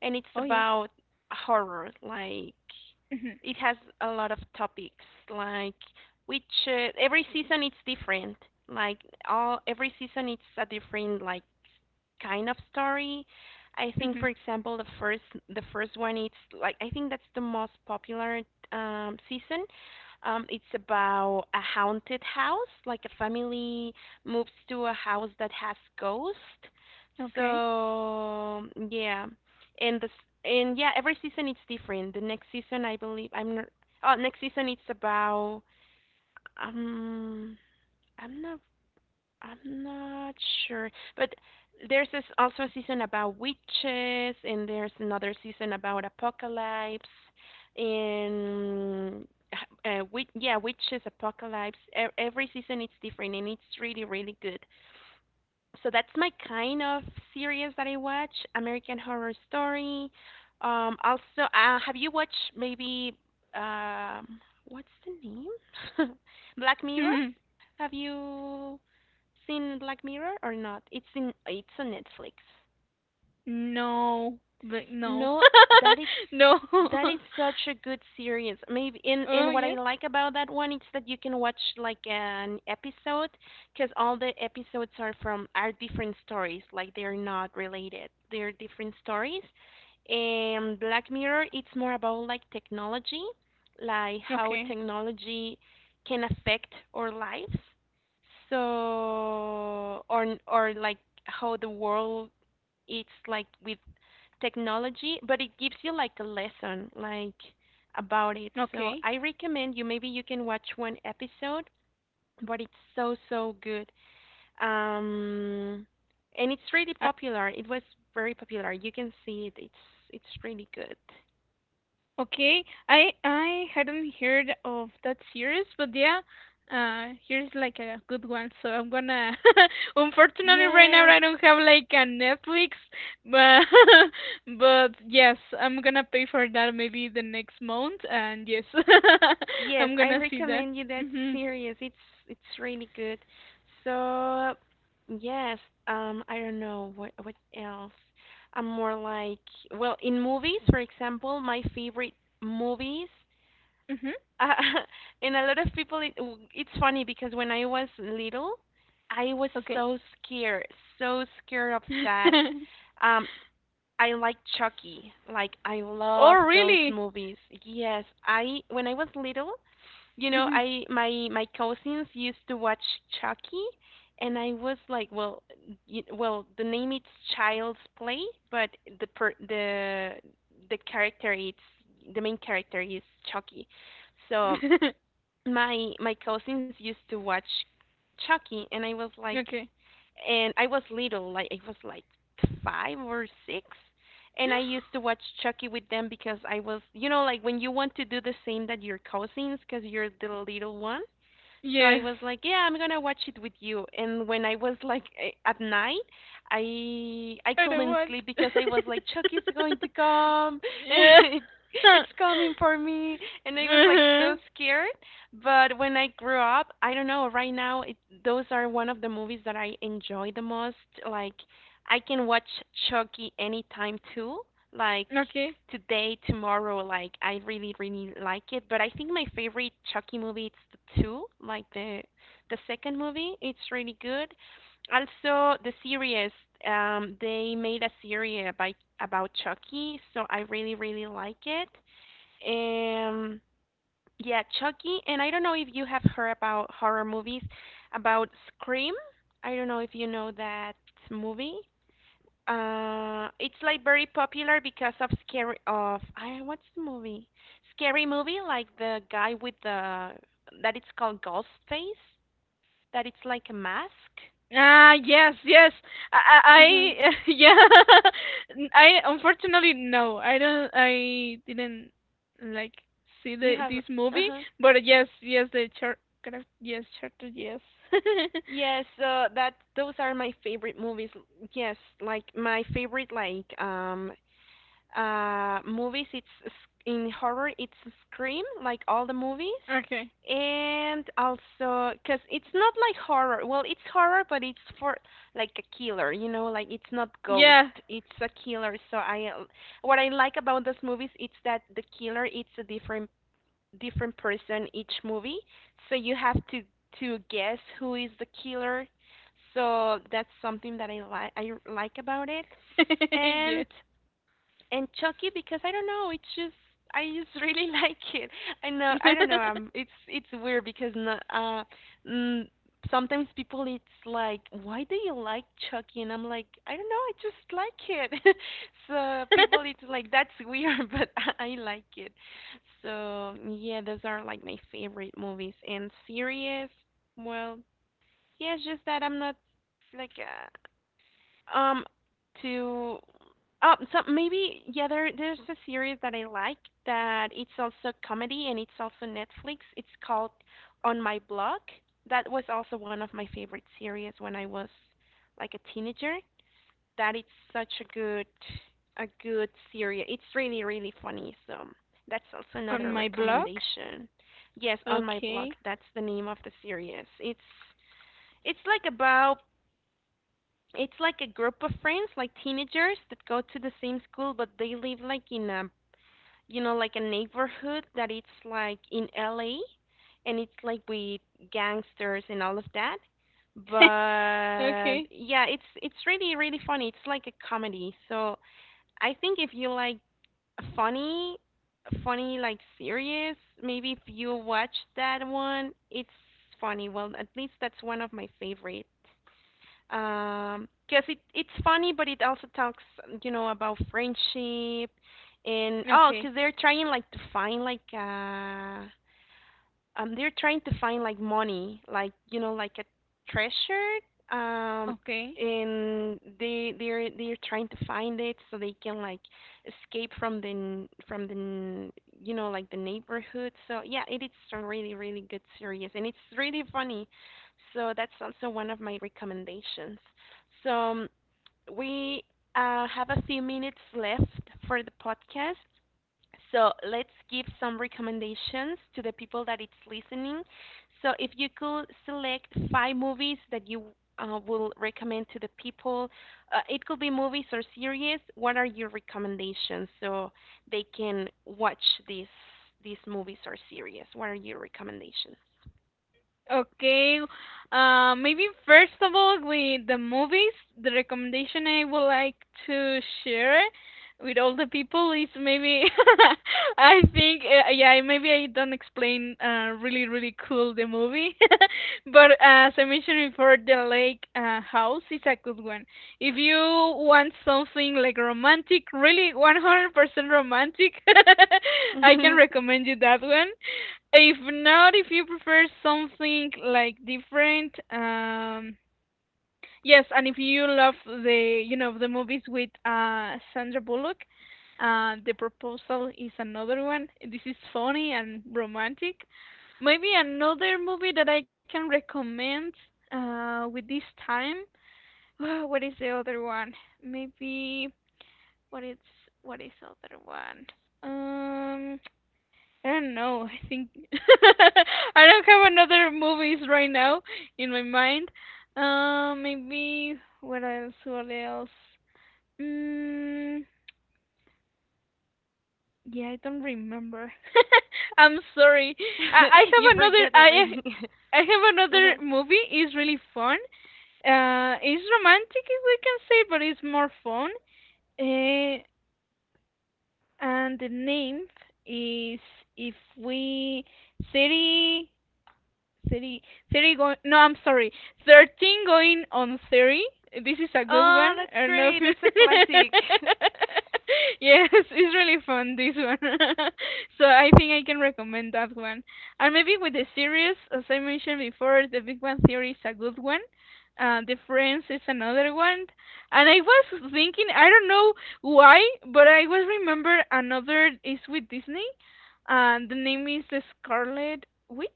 [SPEAKER 1] and it's
[SPEAKER 2] Oh yeah.
[SPEAKER 1] about horror. Like
[SPEAKER 2] Mhm.
[SPEAKER 1] it has a lot of topics. Like which uh, every season it's different. Like all every season it's a different like kind of story, I think, for
[SPEAKER 2] Mhm.
[SPEAKER 1] example, the first the first one it's like I think that's the most popular um, season. Um, it's about a haunted house, like a family moves to a house that has ghosts.
[SPEAKER 2] Okay.
[SPEAKER 1] So yeah, and the s- and yeah, every season it's different. The next season, I believe, I'm not. Oh, next season it's about um, I'm not I'm not sure, but there's this also a season about witches, and there's another season about apocalypse, and uh, wit- yeah, witches, apocalypse. E- every season it's different, and it's really, really good so that's my kind of series that I watch, American Horror Story. Um, also, uh, have you watched maybe um, what's the name? Black Mirror?
[SPEAKER 2] Mhm.
[SPEAKER 1] Have you seen Black Mirror or not? It's in it's on Netflix.
[SPEAKER 2] No. But no.
[SPEAKER 1] No, that is
[SPEAKER 2] No.
[SPEAKER 1] that is such a good series. Maybe and
[SPEAKER 2] Oh
[SPEAKER 1] and what I
[SPEAKER 2] yeah.
[SPEAKER 1] like about that one is that you can watch like an episode because all the episodes are from are different stories. Like they're not related. They're different stories. And Black Mirror, it's more about like technology, like how
[SPEAKER 2] Okay.
[SPEAKER 1] technology can affect our lives. So or or like how the world it's like with technology, but it gives you like a lesson, like about it. So
[SPEAKER 2] Okay.
[SPEAKER 1] I recommend you. Maybe you can watch one episode, but it's so so good. Um, and it's really
[SPEAKER 2] I
[SPEAKER 1] popular. It was very popular. You can see it. It's it's really good.
[SPEAKER 2] Okay, I I hadn't heard of that series, but yeah, uh, here's like a good one. So I'm gonna, unfortunately, right now
[SPEAKER 1] Yes.
[SPEAKER 2] I don't have like a Netflix, but but yes, I'm gonna pay for that maybe the next month, and yes,
[SPEAKER 1] Yes,
[SPEAKER 2] I'm
[SPEAKER 1] I
[SPEAKER 2] gonna see that.
[SPEAKER 1] recommend you that
[SPEAKER 2] Mhm.
[SPEAKER 1] series. It's it's really good. So, yes, um, I don't know what what else. I'm more like well in movies, for example, my favorite movies.
[SPEAKER 2] Mhm.
[SPEAKER 1] Uh, and a lot of people, it, w- it's funny because when I was little, I was
[SPEAKER 2] Okay.
[SPEAKER 1] so scared, so scared of that. Um, I like Chucky. Like I
[SPEAKER 2] Oh,
[SPEAKER 1] love those
[SPEAKER 2] really?
[SPEAKER 1] movies. Yes, I when I was little, you know,
[SPEAKER 2] Mhm.
[SPEAKER 1] I my my cousins used to watch Chucky, and I was like, well, y well, the name it's Child's Play, but the per, the the character, it's the main character is Chucky, so my my cousins used to watch Chucky, and I was like,
[SPEAKER 2] Okay.
[SPEAKER 1] and I was little, like I was like five or six, and I used to watch Chucky with them because I was, you know, like when you want to do the same that your cousins because you're the little one. So I
[SPEAKER 2] Yes.
[SPEAKER 1] was like, yeah, I'm gonna watch it with you. And when I was like a- at night, I I
[SPEAKER 2] I don't
[SPEAKER 1] couldn't
[SPEAKER 2] want.
[SPEAKER 1] sleep because I was like, Chucky's going to come.
[SPEAKER 2] Yeah.
[SPEAKER 1] and it's coming for me, and I was like so
[SPEAKER 2] Hmm.
[SPEAKER 1] scared. But when I grew up, I don't know. Right now, it, those are one of the movies that I enjoy the most. Like, I can watch Chucky anytime too. Like,
[SPEAKER 2] Okay.
[SPEAKER 1] today, tomorrow, like I really, really like it. But I think my favorite Chucky movie is the two, like the the second movie. It's really good. Also, the series, um, they made a series by about Chucky, so I really, really like it. Um, yeah, Chucky, and I don't know if you have heard about horror movies, about Scream. I don't know if you know that movie. Uh, it's like very popular because of scary of I what's the movie? Scary movie like the guy with the that it's called ghost face, that it's like a mask.
[SPEAKER 2] Ah, yes, yes. I, I,
[SPEAKER 1] Mhm.
[SPEAKER 2] I yeah. I unfortunately no. I don't. I didn't like see the
[SPEAKER 1] You have
[SPEAKER 2] this movie,
[SPEAKER 1] uh-huh.
[SPEAKER 2] but yes, yes, the chart. Yes, charter. Yes.
[SPEAKER 1] Yes, uh that those are my favorite movies. Yes, like my favorite like um uh, movies, it's s- in horror, it's Scream, like all the movies,
[SPEAKER 2] Okay.
[SPEAKER 1] and also because it's not like horror. Well, it's horror, but it's for like a killer, you know, like it's not
[SPEAKER 2] Yeah.
[SPEAKER 1] ghost, it's a killer. So I, l- what I like about those movies, it's that the killer, it's a different different person each movie, so you have to to guess who is the killer. So that's something that I like I like about it.
[SPEAKER 2] Yes.
[SPEAKER 1] And and Chucky because I don't know, it's just I just really like it. I know I don't know. Um, it's it's weird because no, uh, mm, sometimes people it's like, why do you like Chucky? And I'm like, I don't know, I just like it. so people it's like that's weird, but I like it. So yeah, those are like my favorite movies and series. Well, yeah, it's just that I'm not like uh um, to oh, so maybe yeah, there there's a series that I like that it's also comedy and it's also Netflix. It's called On My Block. That was also one of my favorite series when I was like a teenager. That it's such a good a good series. It's really really funny. So that's also
[SPEAKER 2] On
[SPEAKER 1] another
[SPEAKER 2] my blog.
[SPEAKER 1] recommendation. Yes, On My Block.
[SPEAKER 2] Okay.
[SPEAKER 1] That's the name of the series. It's it's like about it's like a group of friends, like teenagers that go to the same school, but they live like in a, you know, like a neighborhood that it's like in L A and it's like with gangsters and all of that. But
[SPEAKER 2] Okay.
[SPEAKER 1] yeah, it's it's really really funny. It's like a comedy. So I think if you like funny funny like serious, maybe if you watch that one, it's funny. Well, at least that's one of my favorites. Um, because it it's funny, but it also talks, you know, about friendship and oh,
[SPEAKER 2] Okay.
[SPEAKER 1] because they're trying like to find like uh um they're trying to find like money, like, you know, like a treasure, um
[SPEAKER 2] Okay.
[SPEAKER 1] and they they're they're trying to find it so they can like escape from the n- from the n- you know, like the neighborhood. So yeah, it is a really really good series and it's really funny, so that's also one of my recommendations. So um, we uh, have a few minutes left for the podcast, so let's give some recommendations to the people that it's listening. So if you could select five movies that you uh, will recommend to the people, uh, it could be movies or series. What are your recommendations so they can watch these these movies or series? What are your recommendations?
[SPEAKER 2] Okay. Uh, maybe first of all, with the movies, the recommendation I would like to share with all the people is maybe I think uh, yeah, maybe I don't explain uh, really really cool the movie, but as I mentioned before, the lake uh, house is a good one. If you want something like romantic, really one hundred percent romantic, I can recommend you that one. If not, if you prefer something like different, um, yes, and if you love the, you know, the movies with uh, Sandra Bullock, uh, The Proposal is another one. This is funny and romantic. Maybe another movie that I can recommend uh, with this time. What is the other one? Maybe what is what is the other one? Um, I don't know. I think I don't have another movies right now in my mind. Um, maybe what else? What else? Mm, yeah, I don't remember. I'm sorry. I, I
[SPEAKER 1] You
[SPEAKER 2] have another.
[SPEAKER 1] forgot
[SPEAKER 2] I
[SPEAKER 1] everything.
[SPEAKER 2] I have
[SPEAKER 1] Uh-huh.
[SPEAKER 2] another movie. It's really fun. Uh, it's romantic, if we can say, but it's more fun. Uh, and the name is if we city Thirty, thirty going. No, I'm sorry. Thirteen going on thirty. This is a good
[SPEAKER 1] Oh,
[SPEAKER 2] one.
[SPEAKER 1] that's
[SPEAKER 2] I don't know
[SPEAKER 1] great.
[SPEAKER 2] if you.
[SPEAKER 1] That's a classic.
[SPEAKER 2] Yes, it's really fun this one. So I think I can recommend that one. And maybe with the series, as I mentioned before, The Big Bang Theory is a good one. Uh, the Friends is another one. And I was thinking, I don't know why, but I was remember another is with Disney. And the name is The Scarlet Witch.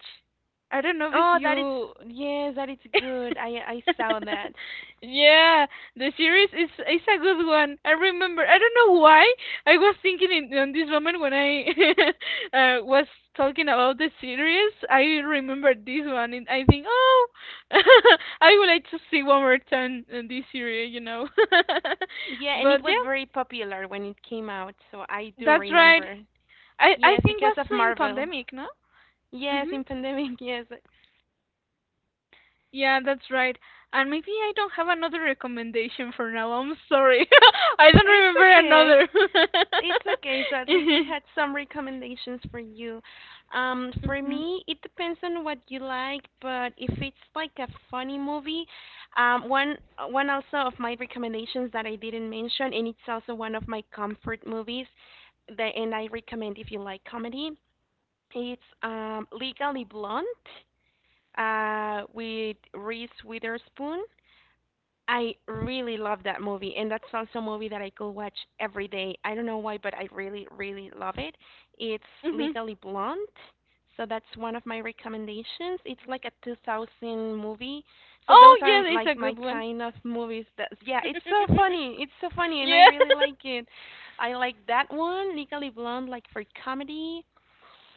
[SPEAKER 2] I don't know if
[SPEAKER 1] Oh, that is
[SPEAKER 2] you.
[SPEAKER 1] yes, that is good. I I saw that.
[SPEAKER 2] Yeah, the series is is a good one. I remember. I don't know why I was thinking in, on this moment when I uh, was talking about the series. I remember this one, and I think, oh, I would like to see one more time uh, this series, you know.
[SPEAKER 1] Yeah, and it
[SPEAKER 2] But
[SPEAKER 1] was
[SPEAKER 2] yeah,
[SPEAKER 1] very popular when it came out, so I do
[SPEAKER 2] that's right.
[SPEAKER 1] remember.
[SPEAKER 2] I I
[SPEAKER 1] Yes,
[SPEAKER 2] think
[SPEAKER 1] because
[SPEAKER 2] was
[SPEAKER 1] of
[SPEAKER 2] in
[SPEAKER 1] Marvel.
[SPEAKER 2] pandemic, no?
[SPEAKER 1] Yes,
[SPEAKER 2] Mhm.
[SPEAKER 1] in pandemic, yes.
[SPEAKER 2] Yeah, that's right. And maybe I don't have another recommendation for now. I'm sorry. I don't
[SPEAKER 1] It's
[SPEAKER 2] remember
[SPEAKER 1] okay.
[SPEAKER 2] another.
[SPEAKER 1] It's okay. So at least we
[SPEAKER 2] Hmm.
[SPEAKER 1] had some recommendations for you. Um, for me, it depends on what you like, but if it's like a funny movie, um, one one also of my recommendations that I didn't mention, and it's also one of my comfort movies that and I recommend if you like comedy. It's um, Legally Blonde, uh, with Reese Witherspoon. I really love that movie, and that's also a movie that I could watch every day. I don't know why, but I really, really love it. It's
[SPEAKER 2] Hmm.
[SPEAKER 1] Legally Blonde, so that's one of my recommendations. It's like a two thousand movie, so those
[SPEAKER 2] Oh,
[SPEAKER 1] are
[SPEAKER 2] yeah, there's
[SPEAKER 1] like
[SPEAKER 2] a
[SPEAKER 1] my
[SPEAKER 2] good one.
[SPEAKER 1] kind of movies. That yeah, it's so funny. It's so funny, and I
[SPEAKER 2] Yeah.
[SPEAKER 1] really like it. I like that one, Legally Blonde, like for comedy.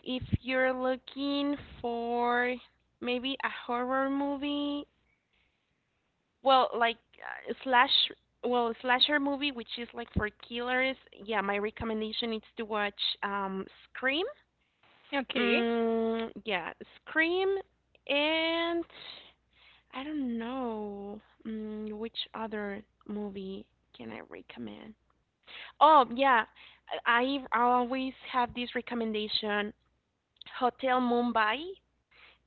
[SPEAKER 1] If you're looking for maybe a horror movie, well, like uh, slash, well, slasher movie, which is like for killers. Yeah, my recommendation is to watch um, Scream.
[SPEAKER 2] Okay.
[SPEAKER 1] Mm, yeah, Scream, and I don't know, mm, which other movie can I recommend. Oh yeah, I I always have this recommendation: Hotel Mumbai.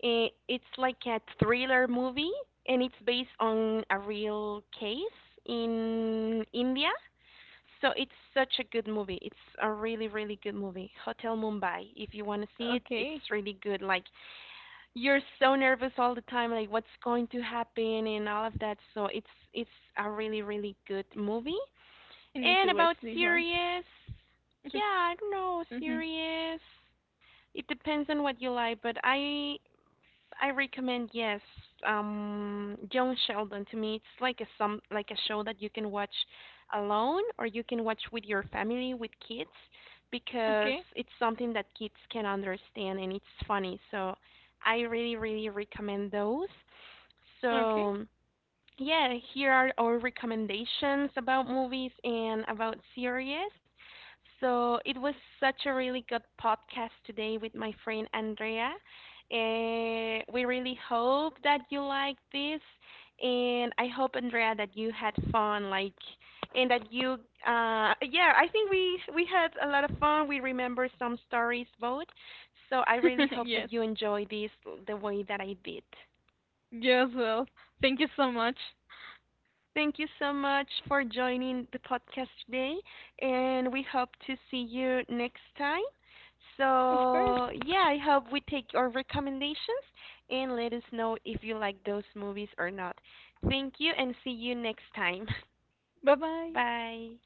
[SPEAKER 1] Eh, It's like a thriller movie, and it's based on a real case in India. So it's such a good movie. It's a really, really good movie. Hotel Mumbai. If you want to see it, it's
[SPEAKER 2] Okay.
[SPEAKER 1] really good. Like you're so nervous all the time, like what's going to happen and all of that. So it's it's a really, really good movie.
[SPEAKER 2] I need to
[SPEAKER 1] And
[SPEAKER 2] watch
[SPEAKER 1] about
[SPEAKER 2] this one.
[SPEAKER 1] series, yeah, I don't know,
[SPEAKER 2] Hmm.
[SPEAKER 1] series. It depends on what you like, but I I recommend yes, um, Young Sheldon. To me, it's like a some like a show that you can watch alone or you can watch with your family with kids because
[SPEAKER 2] Okay.
[SPEAKER 1] it's something that kids can understand and it's funny. So I really really recommend those.
[SPEAKER 2] Okay.
[SPEAKER 1] So yeah, here are our recommendations about movies and about series. So it was such a really good podcast today with my friend Andrea. Uh, we really hope that you liked this, and I hope Andrea that you had fun, like, and that you, uh, yeah, I think we we had a lot of fun. We remember some stories both, so I really hope
[SPEAKER 2] Yes.
[SPEAKER 1] that you enjoy this the way that I did.
[SPEAKER 2] Yes, well. Thank you so much.
[SPEAKER 1] Thank you so much for joining the podcast today, and we hope to see you next time.
[SPEAKER 2] Of course.
[SPEAKER 1] So, yeah, I hope we take your recommendations and let us know if you like those movies or not. Thank you, and see you next time.
[SPEAKER 2] Bye bye.
[SPEAKER 1] Bye.